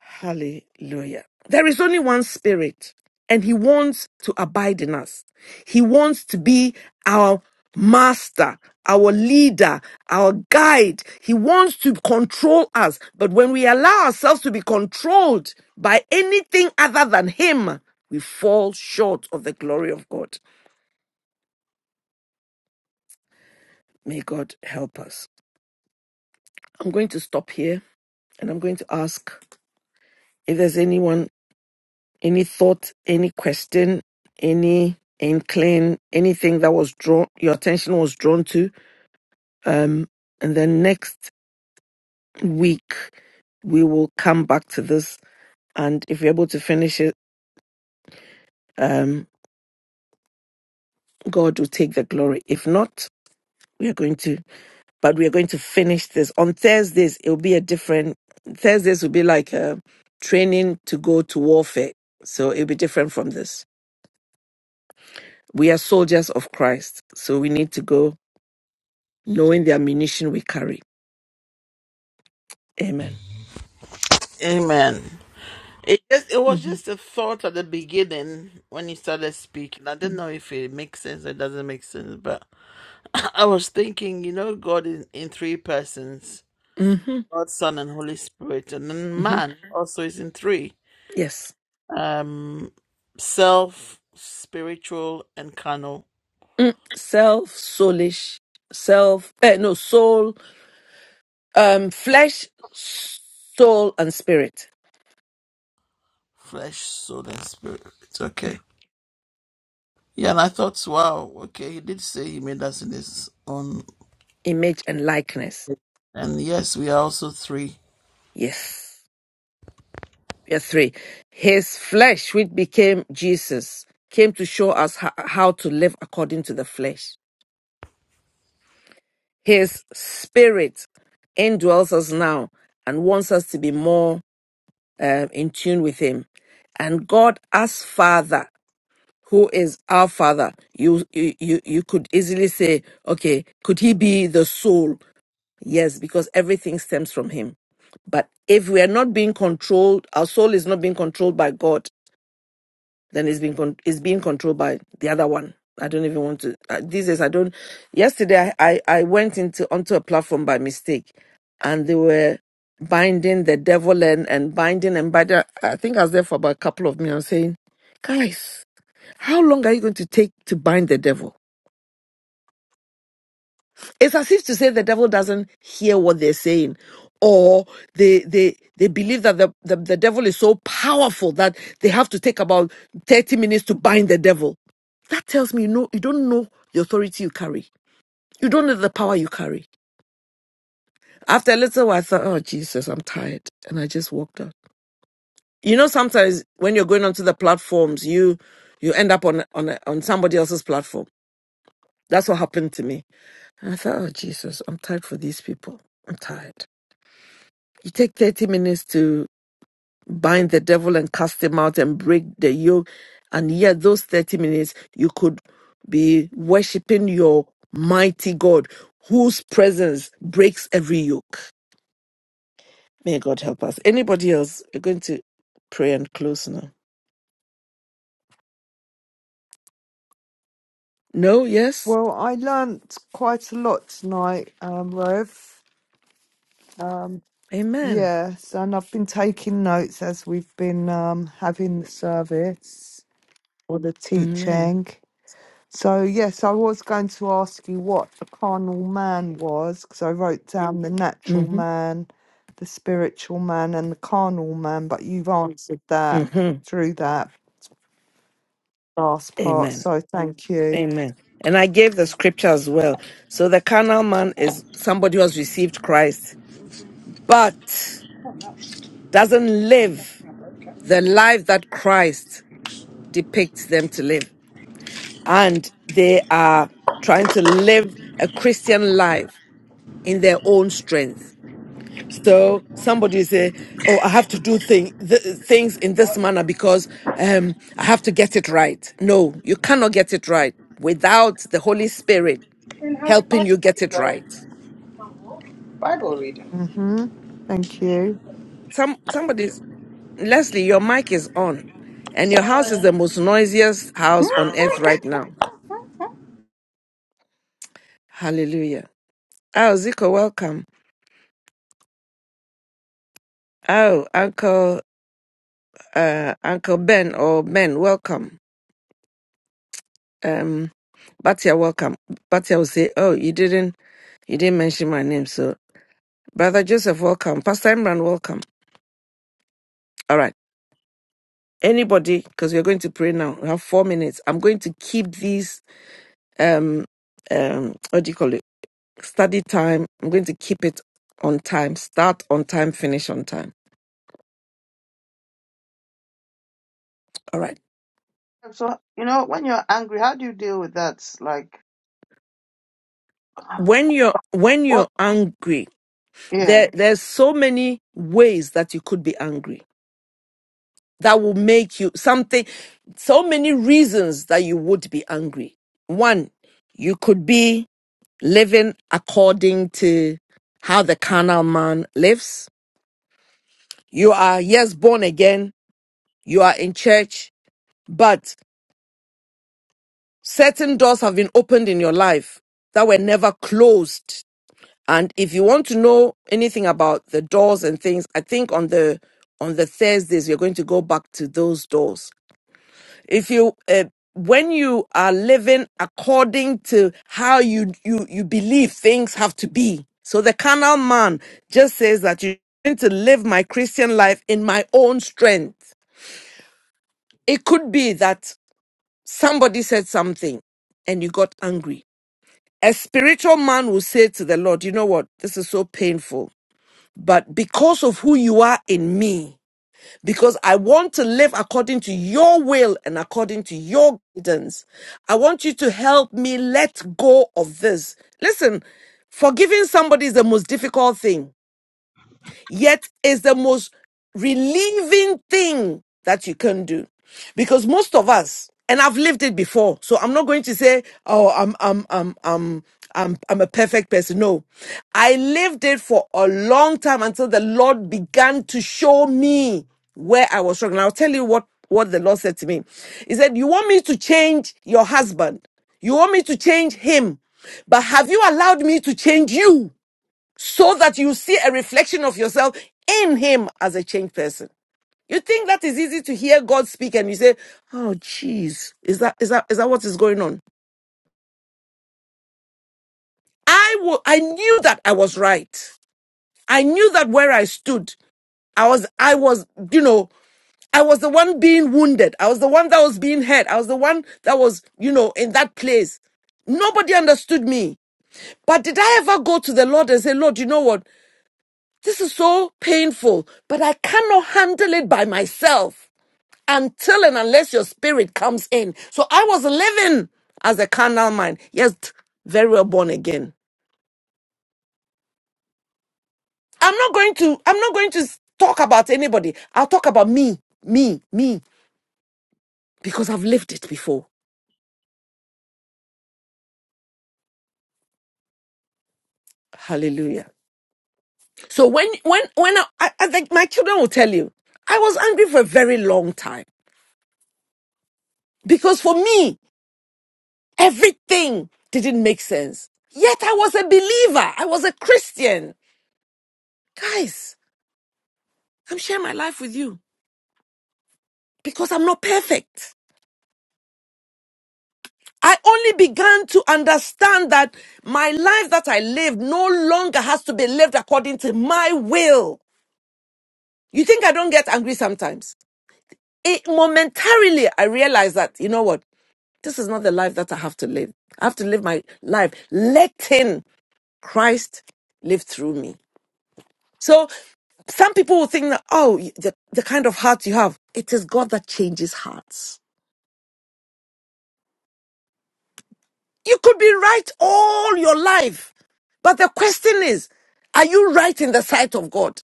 F: Hallelujah. There is only one spirit, and he wants to abide in us. He wants to be our master, our leader, our guide. He wants to control us. But when we allow ourselves to be controlled by anything other than him, we fall short of the glory of God. May God help us. I'm going to stop here and I'm going to ask if there's anyone Any thought, any question, any inkling, anything that was drawn, your attention was drawn to. Um, and then next week, we will come back to this. And if you're able to finish it, um, God will take the glory. If not, we are going to, but we are going to finish this. On Thursdays, it will be a different, Thursdays will be like a training to go to warfare. So it'll be different from this. We are soldiers of Christ. So we need to go knowing the ammunition we carry. Amen.
A: Amen. It just it was
F: hmm
A: just a thought at the beginning when he started speaking. I didn't know if it makes sense or it doesn't make sense, but I was thinking, you know, God is in three persons,
F: hmm
A: God, Son, and Holy Spirit, and then
F: hmm
A: man also is in three:
F: Yes.
A: um, self, spiritual, and carnal,
F: Mm. Self, soulish, self, eh, no, soul, um, flesh, soul, and spirit.
A: flesh, soul, and spirit. It's okay.
F: Yeah.
A: Yeah, and I thought, wow, okay, he did say he made us in his own,
F: Image and likeness.
A: and yes, we are also three.
F: Yes. Yeah, three. His flesh, which became Jesus, came to show us ho- how to live according to the flesh. His spirit indwells us now and wants us to be more uh, in tune with him. And God, as Father, who is our Father, you, you you you could easily say, okay, could he be the soul? Yes, because everything stems from him. But if we are not being controlled, our soul is not being controlled by God, then it's being con- it's being controlled by the other one. I don't even want to. Uh, these days, I don't. Yesterday, I, I I went into onto a platform by mistake, and they were binding the devil and and binding and binding. I think I was there for about a couple of minutes, saying, "Guys, how long are you going to take to bind the devil?" It's as if to say the devil doesn't hear what they're saying, or they they they believe that the, the, the devil is so powerful that they have to take about 30 minutes to bind the devil. That tells me you know you don't know the authority you carry. You don't know the power you carry. After a little while, I thought, oh Jesus, I'm tired. And I just walked out. You know, sometimes when you're going onto the platforms, you you end up on on on somebody else's platform. That's what happened to me. And I thought, oh Jesus, I'm tired for these people. I'm tired. You take 30 minutes to bind the devil and cast him out and break the yoke. And yet, those 30 minutes, you could be worshiping your mighty God whose presence breaks every yoke. May God help us. Anybody else? We're going to pray and close now. No? Yes?
H: Well, I learnt quite a lot tonight, um, Rev. Um,
F: Amen.
H: yes, and I've been taking notes as we've been um, having the service or the
F: Amen.
H: teaching. So, yes, I was going to ask you what the carnal man was, because I wrote down the natural
F: hmm
H: man, the spiritual man, and the carnal man, but you've answered that
F: hmm
H: through that last part.
F: Amen.
H: So, thank you.
F: Amen. And I gave the scripture as well. So the carnal man is somebody who has received Christ, but doesn't live the life that Christ depicts them to live. And they are trying to live a Christian life in their own strength. So somebody say, "Oh, I have to do thing, th- things in this manner because um, I have to get it right." No, you cannot get it right without the Holy Spirit
G: And how's your
F: helping
G: Bible
F: you get
G: reading
F: it right.
G: going? Bible reading.
H: Mm-hmm. Thank you.
F: Some somebody's Leslie, your mic is on, and your house is the most noisiest house on earth right now. Hallelujah. Oh, Zico, welcome. Oh, Uncle uh, Uncle Ben or Ben, welcome. Um, Batia, welcome. Batia will say, "Oh, you didn't you didn't mention my name." So, Brother Joseph, welcome. Pastor Imran, welcome. All right. Anybody, because we're going to pray now. We have four minutes. I'm going to keep these um um what do you call it study time. I'm going to keep it on time. Start on time. Finish on time. All right.
C: So, you know, when you're angry, how do you deal with that? Like, uh,
F: When you're when you're
C: what?
F: angry
C: Yeah.
F: There, there's so many ways that you could be angry that will make you something, so many reasons that you would be angry. One, you could be living according to how the carnal man lives. You are, yes, born again. You are in church, but certain doors have been opened in your life that were never closed And if you want to know anything about the doors and things, I think on the on the Thursdays we're going to go back to those doors. If you uh, when you are living according to how you you you believe things have to be, so the carnal man just says that you're going to live my Christian life in my own strength. It could be that somebody said something and you got angry. A spiritual man will say to the Lord, "You know what? This is so painful." But because of who you are in me, because I want to live according to your will and according to your guidance, I want you to help me let go of this. Listen, forgiving somebody is the most difficult thing yet it's the most relieving thing that you can do. Because most of us, and I've lived it before, so I'm not going to say, oh, I'm, I'm, I'm, I'm, I'm, I'm a perfect person. No, I lived it for a long time until the Lord began to show me where I was struggling. I'll tell you what, what the Lord said to me. He said, you want me to change your husband? You want me to change him? But have you allowed me to change you? so that you see a reflection of yourself in him as a changed person. You think that is easy to hear God speak and you say, "Oh jeez, is that is that is that what is going on?" I wa- I knew that I was right. I knew that where I stood, I was I was, you know, I was the one being wounded. I was the one that was being hurt. I was the one that was, you know, in that place. Nobody understood me. But did I ever go to the Lord and say, Lord, you know what? This is so painful, but I cannot handle it by myself until and unless your spirit comes in. So I was living as a carnal mind, yet very well born again. I'm not going to, I'm not going to talk about anybody. I'll talk about me, me, me, because I've lived it before. Hallelujah. So when, when, when I, I I think my children will tell you, I was angry for a very long time because for me, Everything didn't make sense. Yet I was a believer. I was a Christian. Guys, I'm sharing my life with you because I'm not perfect. I only began to understand that my life that I live no longer has to be lived according to my will. You think I don't get angry sometimes? It momentarily I realized that, you know what? This is not the life that I have to live. I have to live my life letting Christ live through me. So some people will think that, oh, the, the kind of heart you have, it is God that changes hearts. You could be right all your life. But the question is, are you right in the sight of God?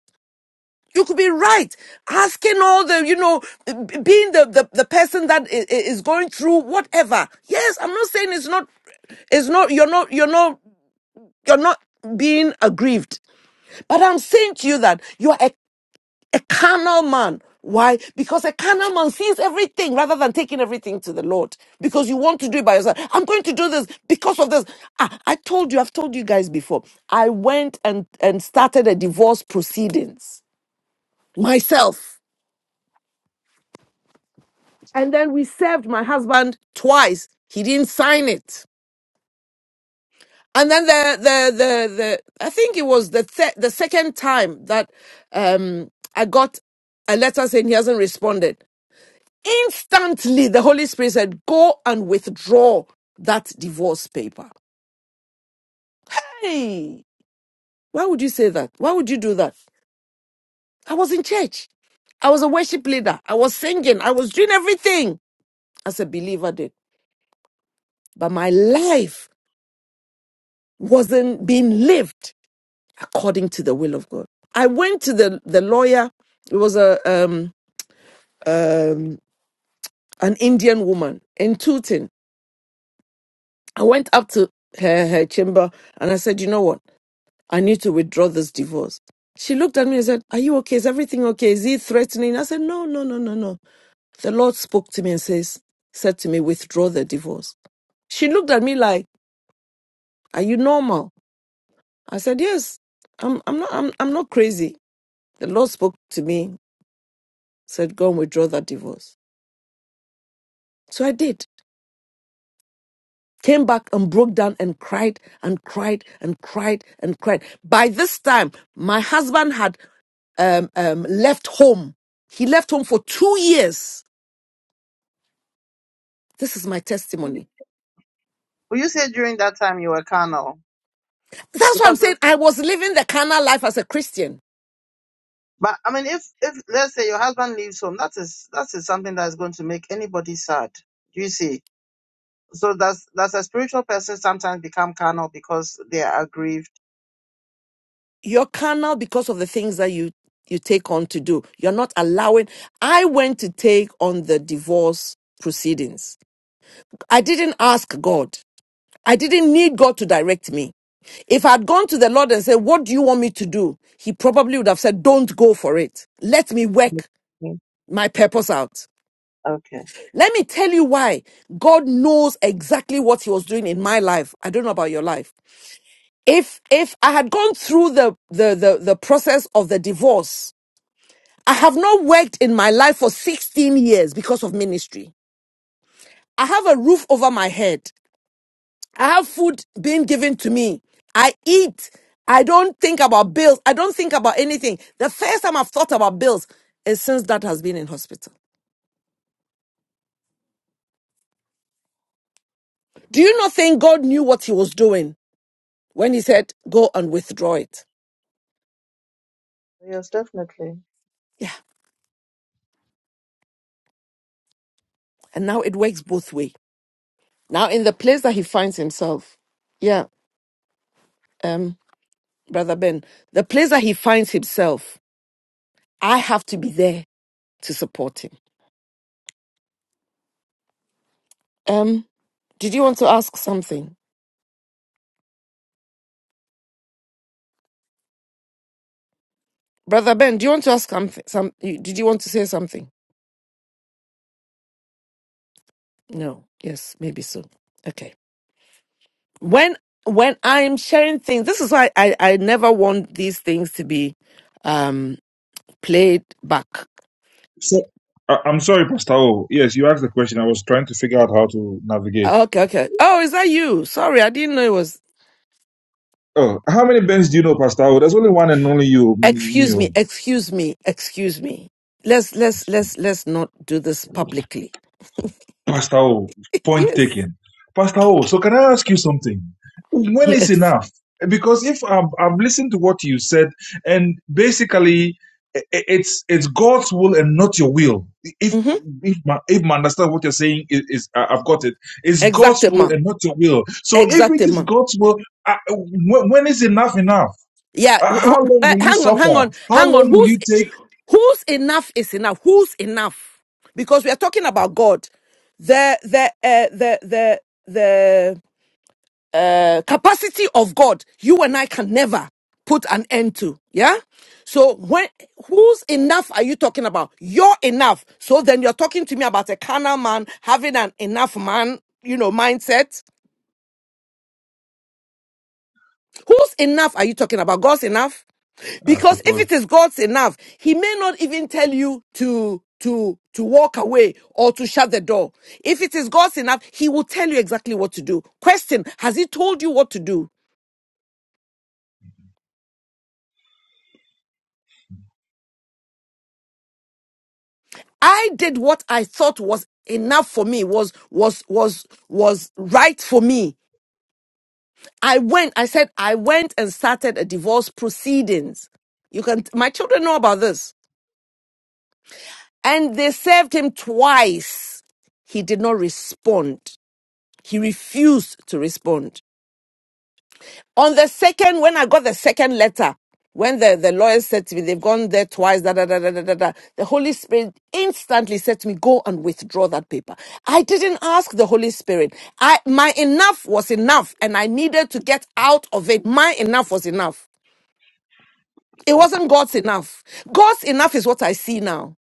F: You could be right, asking all the, you know, b- being the, the, the person that i- i- is going through whatever. Yes, I'm not saying it's not, it's not, you're not, you're not, you're not being aggrieved. But I'm saying to you that you are a Carnal man. Why? Because a carnal man sees everything rather than taking everything to the Lord. Because you want to do it by yourself. I'm going to do this because of this. Ah, I told you, I've told you guys before. I went and, and started a divorce proceedings myself. And then we served my husband twice. He didn't sign it. And then the the the, the I think it was the th- the second time that um I got a letter saying he hasn't responded. Instantly, the Holy Spirit said, Go and withdraw that divorce paper. Hey, why would you say that? Why would you do that? I was in church. I was a worship leader. I was singing. I was doing everything as a believer did. But my life wasn't being lived according to the will of God. I went to the, the lawyer. It was a um, um, an Indian woman in Tooting. I went up to her, her chamber and I said, you know what? I need to withdraw this divorce. She looked at me and said, Are you okay? Is everything okay? Is he threatening? I said, No, no, no, no, no. The Lord spoke to me and says, said to me, withdraw the divorce. She looked at me like, Are you normal? I said, Yes. I'm I'm not I'm I'm not crazy. The Lord spoke to me, said, Go and withdraw that divorce. So I did. Came back and broke down and cried and cried and cried and cried. By this time, my husband had um, um, left home. He left home for two years This is my
C: Would you
F: testimony.
C: would you say during that time you were carnal?
F: That's why I'm
C: Because,
F: saying
C: it-
F: I was living the carnal life as a Christian.
C: but I mean, if if let's say your husband leaves home, that is that is something that is going to make anybody sad. Do you see? So that's that's a spiritual person sometimes become carnal because they are aggrieved.
F: You're carnal because of the things that you you take on to do. You're not allowing. I went to take on the divorce proceedings. I didn't ask God. I didn't need God to direct me. If I had gone to the Lord and said, What do you want me to do? He probably would have said, Don't go for it. Let me work
C: Mm.
F: my purpose out.
C: Okay.
F: Let me tell you why. God knows exactly what He was doing in my life. I don't know about your life. if if I had gone through the, the the the process of the divorce, I have not worked in my life for 16 years because of ministry. I have a roof over my head. I have food being given to me. I eat. I don't think about bills. I don't think about anything. The first time I've thought about bills is since that has been in hospital. Do you not think God knew what he was doing when he said, go and withdraw it?
C: Yes, definitely.
F: Yeah. And now it works both way. Now in the place that he finds himself. Yeah. Um. Brother Ben, the place that he finds himself, I have to be there to support him. Um, did you want to ask something? Brother Ben, do you want to ask something? Some, you- did you want to say something? No. Yes, maybe so. Okay. When when I'm sharing things, this is why I, I never want these things to be um played back.
I: So I, I'm sorry, Pastor O. Yes, you asked the question. I was trying to figure out how to navigate.
F: Okay, okay. Oh, is that you? Sorry, I didn't know it was
I: Oh, how many bands do you know, Pastor O? There's only one and only you, me. me,
F: excuse me,
I: oh.
F: excuse me, excuse me. Let's let's let's let's not do this publicly
I: Pastor O, point
F: Yes.
I: taken. Pastor O, so can I ask you something? When is
F: Yes.
I: enough? Because if I've, I've listened to what you said, and basically i- i- it's it's God's will and not your will. If
F: Mm-hmm.
I: if my, if my understand what you're saying is, is I- I've got it. It's God's will
F: Exactement.
I: and not your will. So if it is
F: Exactement.
I: God's will, I, when, when is enough enough?
F: Yeah.
I: Uh,
F: w-
I: How
F: w-
I: long
F: uh,
I: will you
F: hang on. Hang
I: suffer?
F: on.
I: How
F: Hang on.
I: long will
F: Who's
I: you take?
F: who's enough is enough? Who's enough? Because we are talking about God. The the uh, the the the uh, capacity of God. You and I can never put an end to. Yeah. So when whose enough are you talking about? Your enough. So then you're talking to me about a carnal man having an enough man, you know, mindset Whose enough are you talking about? God's enough?
I: I
F: Because if it
I: suppose.
F: is God's enough, he may not even tell you to to to walk away or to shut the door. If it is God's enough, he will tell you exactly what to do. Question, has he told you what to do? I did what I thought was enough for me, was was was was right for me. I went, I said I went and started a divorce proceedings. You can my children know about this. And they served him twice. He did not respond. He refused to respond. On the second, when I got the second letter, when the, the lawyers said to me, they've gone there twice, da, da, da, da, da, da, da, the Holy Spirit instantly said to me, go and withdraw that paper. I didn't ask the Holy Spirit. I, my enough was enough and I needed to get out of it. My enough was enough. It wasn't God's enough. God's enough is what I see now.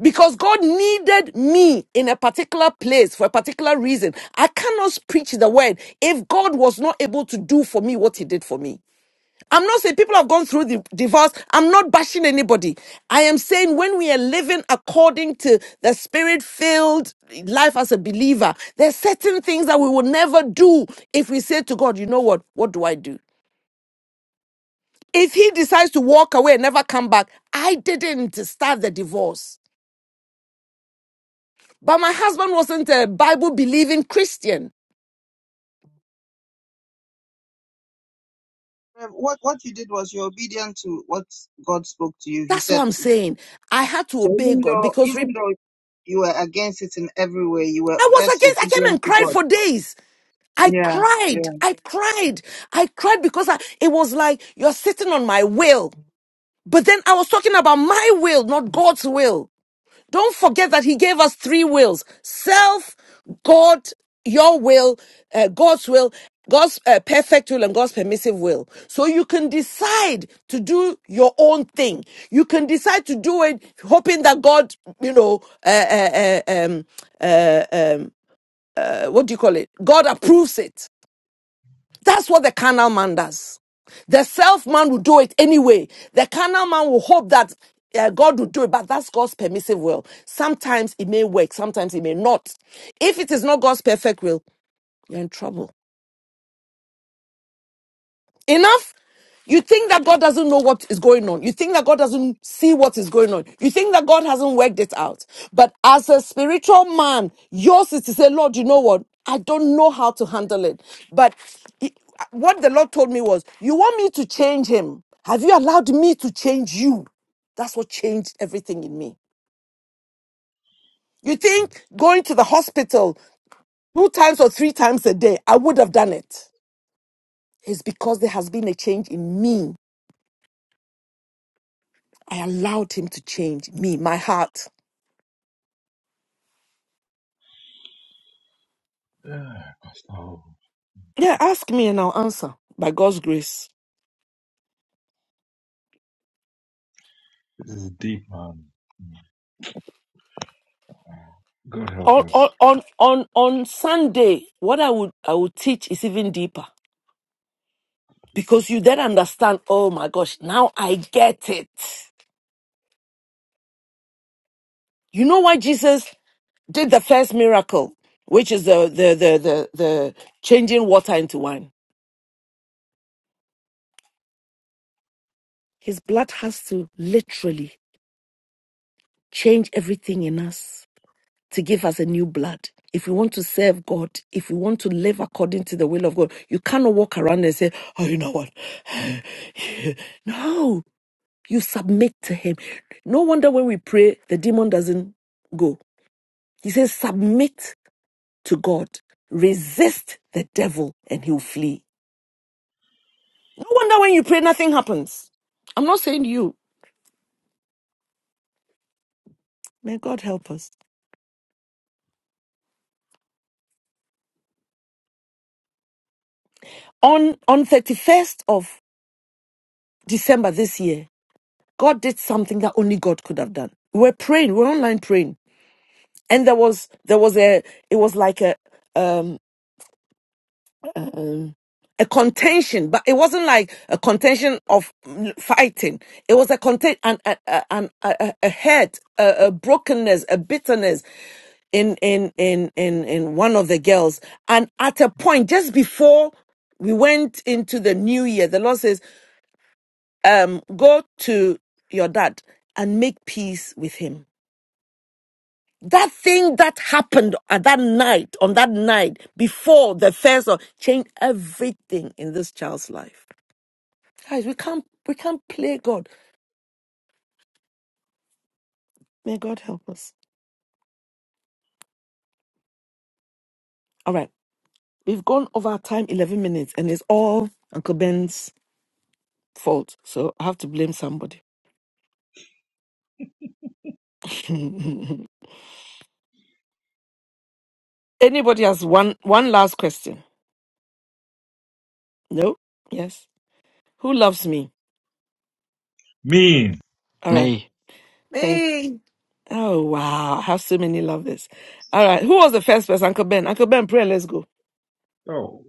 F: Because God needed me in a particular place for a particular reason. I cannot preach the word if God was not able to do for me what He did for me. I'm not saying people have gone through the divorce. I'm not bashing anybody. I am saying when we are living according to the spirit filled life as a believer, there are certain things that we will never do if we say to God, you know what? What do I do? If He decides to walk away and never come back, I didn't start the divorce. But my husband wasn't a Bible believing Christian.
C: Um, What what you did was you're obedient to what God spoke to you. He
F: That's what I'm
C: said.
F: saying. I had to
C: So
F: obey
C: even
F: God
C: though
F: because re-
C: even though you were against it in every way, you were
F: I was
C: just
F: against, I came
C: obedient
F: and
C: to
F: cried
C: God.
F: for days. I
C: Yeah,
F: cried,
C: yeah.
F: I cried, I cried because I, it was like you're sitting on my will. But then I was talking about my will, not God's will. Don't forget that he gave us three wills self, God, your will, uh, God's will, God's uh, perfect will, and God's permissive will. So you can decide to do your own thing. You can decide to do it hoping that God, you know, uh, uh, uh, um, uh, what do you call it? God approves it. That's what the carnal man does. The self man will do it anyway. The carnal man will hope that uh, God will do it, but that's God's permissive will. Sometimes it may work, sometimes it may not. If it is not God's perfect will, you're in trouble. Enough You think that God doesn't know what is going on. You think that God doesn't see what is going on. You think that God hasn't worked it out. But as a spiritual man, yours is to say, Lord, you know what? I don't know how to handle it. But he- what the Lord told me was, You want me to change him? Have you allowed me to change you? That's what changed everything in me. You think going to the hospital two times or three times a day, I would have done it. It's because there has been a change in me. I allowed him to change me, my heart.
I: Pastor O,
F: Yeah, ask me and I'll answer by God's grace.
I: this is deep, man. God help
F: On on
I: us.
F: on on, on Sunday, what I would I would teach is even deeper because you then understand. Oh my gosh, now I get it. You know why Jesus did the first miracle, which is the the the the, the changing water into wine. His blood has to literally change everything in us to give us a new blood. If we want to serve God, if we want to live according to the will of God, you cannot walk around and say, Oh, you know what? no, you submit to Him. No wonder when we pray, the demon doesn't go. He says, Submit to God, resist the devil, and he'll flee. No wonder when you pray, nothing happens. I'm not saying you. May God help us. On on 31st of December this year, God did something that only God could have done. We We're praying, we we're online praying, and there was there was a it was like a um, um a contention, but it wasn't like a contention of mm, fighting. It was a content and an, an, an- a, a a hurt, a, a brokenness, a bitterness in in in in in one of the girls. And at a point, just before we went into the new year, the Lord says, um, "Go to your dad and make peace with him." that thing that happened at that night, on that night before the first of changed everything in this child's life. Guys, we can't we can't play God. May God help us. All right. We've gone over our time 11 minutes and it's all Uncle Ben's fault. So I have to blame somebody. Anybody has one one last question? No? Yes. Who loves me?
I: Mean.
F: All right.
E: Me.
F: Thanks.
H: Me.
F: Oh wow. I have so many lovers. All right. Who was the first person? Uncle Ben. Uncle Ben, pray and let's go.
I: Oh,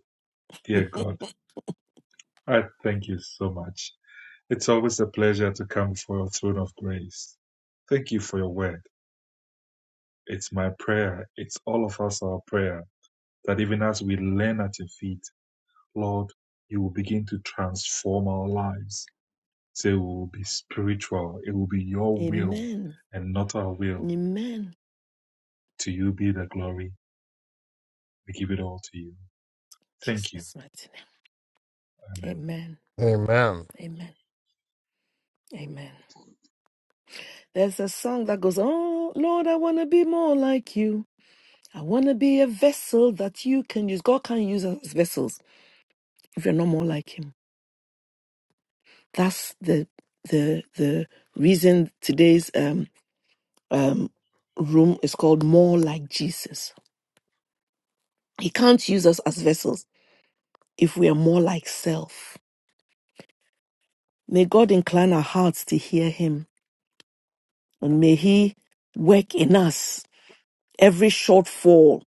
I: dear God, I thank you so much. It's always a pleasure to come before your throne of grace. Thank you for your word. It's my prayer, it's all of us our prayer, that even as we learn at your feet, Lord, you will begin to transform our lives. So it will be spiritual, it will be your will
F: Amen.
I: and not our will.
F: Amen.
I: To you be the glory. We give it all to you. Thank you.
F: Jesus mighty name.
I: Amen.
F: Amen.
J: Amen.
F: Amen. Amen. There's a song that goes, Oh Lord, I want to be more like you. I want to be a vessel that you can use. God can use us as vessels if you're not more like him. That's the the the reason today's um um room is called More Like Jesus. He can't use us as vessels if we are more like self. May God incline our hearts to hear him And may He work in us every shortfall,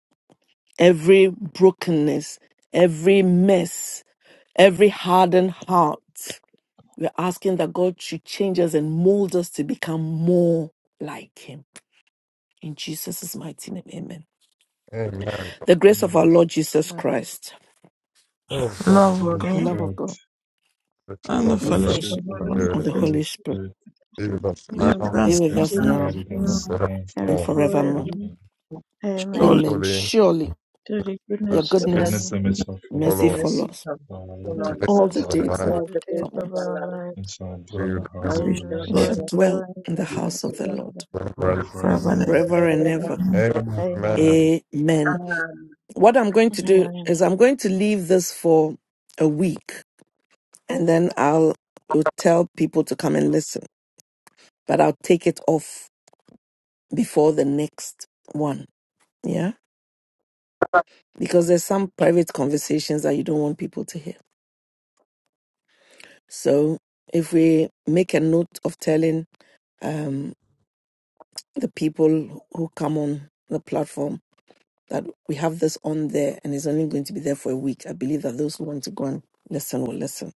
F: every brokenness, every mess, every hardened heart. We're asking that God should change us and mold us to become more like Him. In Jesus' mighty name, amen.
J: Amen.
F: The grace of our Lord Jesus
C: No,
F: Christ,
J: Oh God,
A: Love of
C: for,
I: Amen.
F: the
A: God
F: love of
I: God.
F: God,
J: worship
A: and the
J: of the
F: and
C: for
J: Holy
A: fellowship
C: the
I: fellowship
F: fellowship
I: of
A: of the
I: the
C: Holy
A: Holy
F: of
B: Thank
F: the
J: Spirit,
A: Spirit
C: Spirit,
I: Holy
F: Holy Spirit
I: Spirit,
J: be us
A: be
B: you,
A: with
J: now
F: be
C: unity,
A: us
F: with
A: now.
I: grace
F: us
I: and
A: and
C: now,
F: now
B: Jesus,
I: abide with
B: now
J: and
I: us
A: forever.
I: now and
B: and
F: and
J: forevermore.
I: forever.
B: forever.
F: forevermore.
C: and
I: Amen.
C: now,
B: Amen.
A: Surely
F: Amen.
J: Holy
F: Surely
B: To the
F: your
B: goodness
C: the
J: mercy,
F: goodness,
C: best
I: Goodness
B: and
I: and mercy shall follow
F: mercy
I: us
J: follow us.
C: message
F: follows
C: of
I: all
C: the
I: the
B: mercy
C: Lord,
J: Today,
I: days
B: of
F: all
I: of
F: the
B: us
I: our
J: the days of
I: life,
F: days
J: our
B: all
J: life
C: all
B: the
C: the grace
B: days
F: of our
C: of
B: of
C: our
F: lives.
B: our
C: Lord,
I: and
B: lives,
I: shall
J: we
I: dwell in the house
C: and
J: remember.
C: we
A: we
I: of the
B: and we
C: shall
I: Lord
F: We
A: shall
C: dwell in
B: shall
F: shall
A: dwell
J: to
B: dwell
F: dwell
B: in
F: in
C: the
B: the
F: the
C: house of
F: house
C: the
B: house
F: of the
C: Lord
B: of
F: Lord
B: the Lord
J: forever.
I: forever
A: forever
I: and
A: and
I: ever.
B: forever
F: forever and
B: and
C: forever
F: ever.
B: ever.
C: and ever.
I: Amen.
B: Amen.
J: Amen.
F: Amen.
C: Amen.
F: What I'm going to do
B: Amen.
F: is I'm going to leave this for a week and then I'll, will tell people to come and listen, but I'll take it off before the next one. Yeah. Because there's some private conversations that you don't want people to hear. So if we make a note of telling um, the people who come on the platform that we have this on there and it's only going to be there for a week. I believe that those who want to go and listen will listen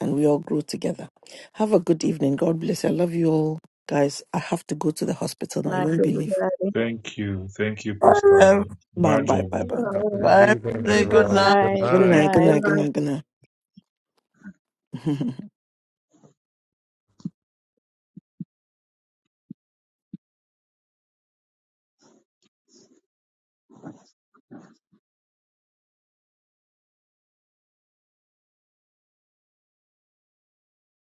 F: and we all grow together. Have a good evening. God bless you. I love you all. Guys, I have to go to the
B: Good
F: hospital now. You
B: night,
F: won't believe.
B: everybody.
I: Thank you. Thank you, Pastor.
A: ever.
F: Bye, bye, bye,
I: Marjorie.
F: bye.
J: Have a good
A: Bye.
J: evening,
A: everybody. Good night.
C: Everybody,
J: everyone. Good
B: Bye.
F: Good
B: Good
J: night.
F: night, good
B: night.
C: good
F: night, good
C: night.
F: night, good night.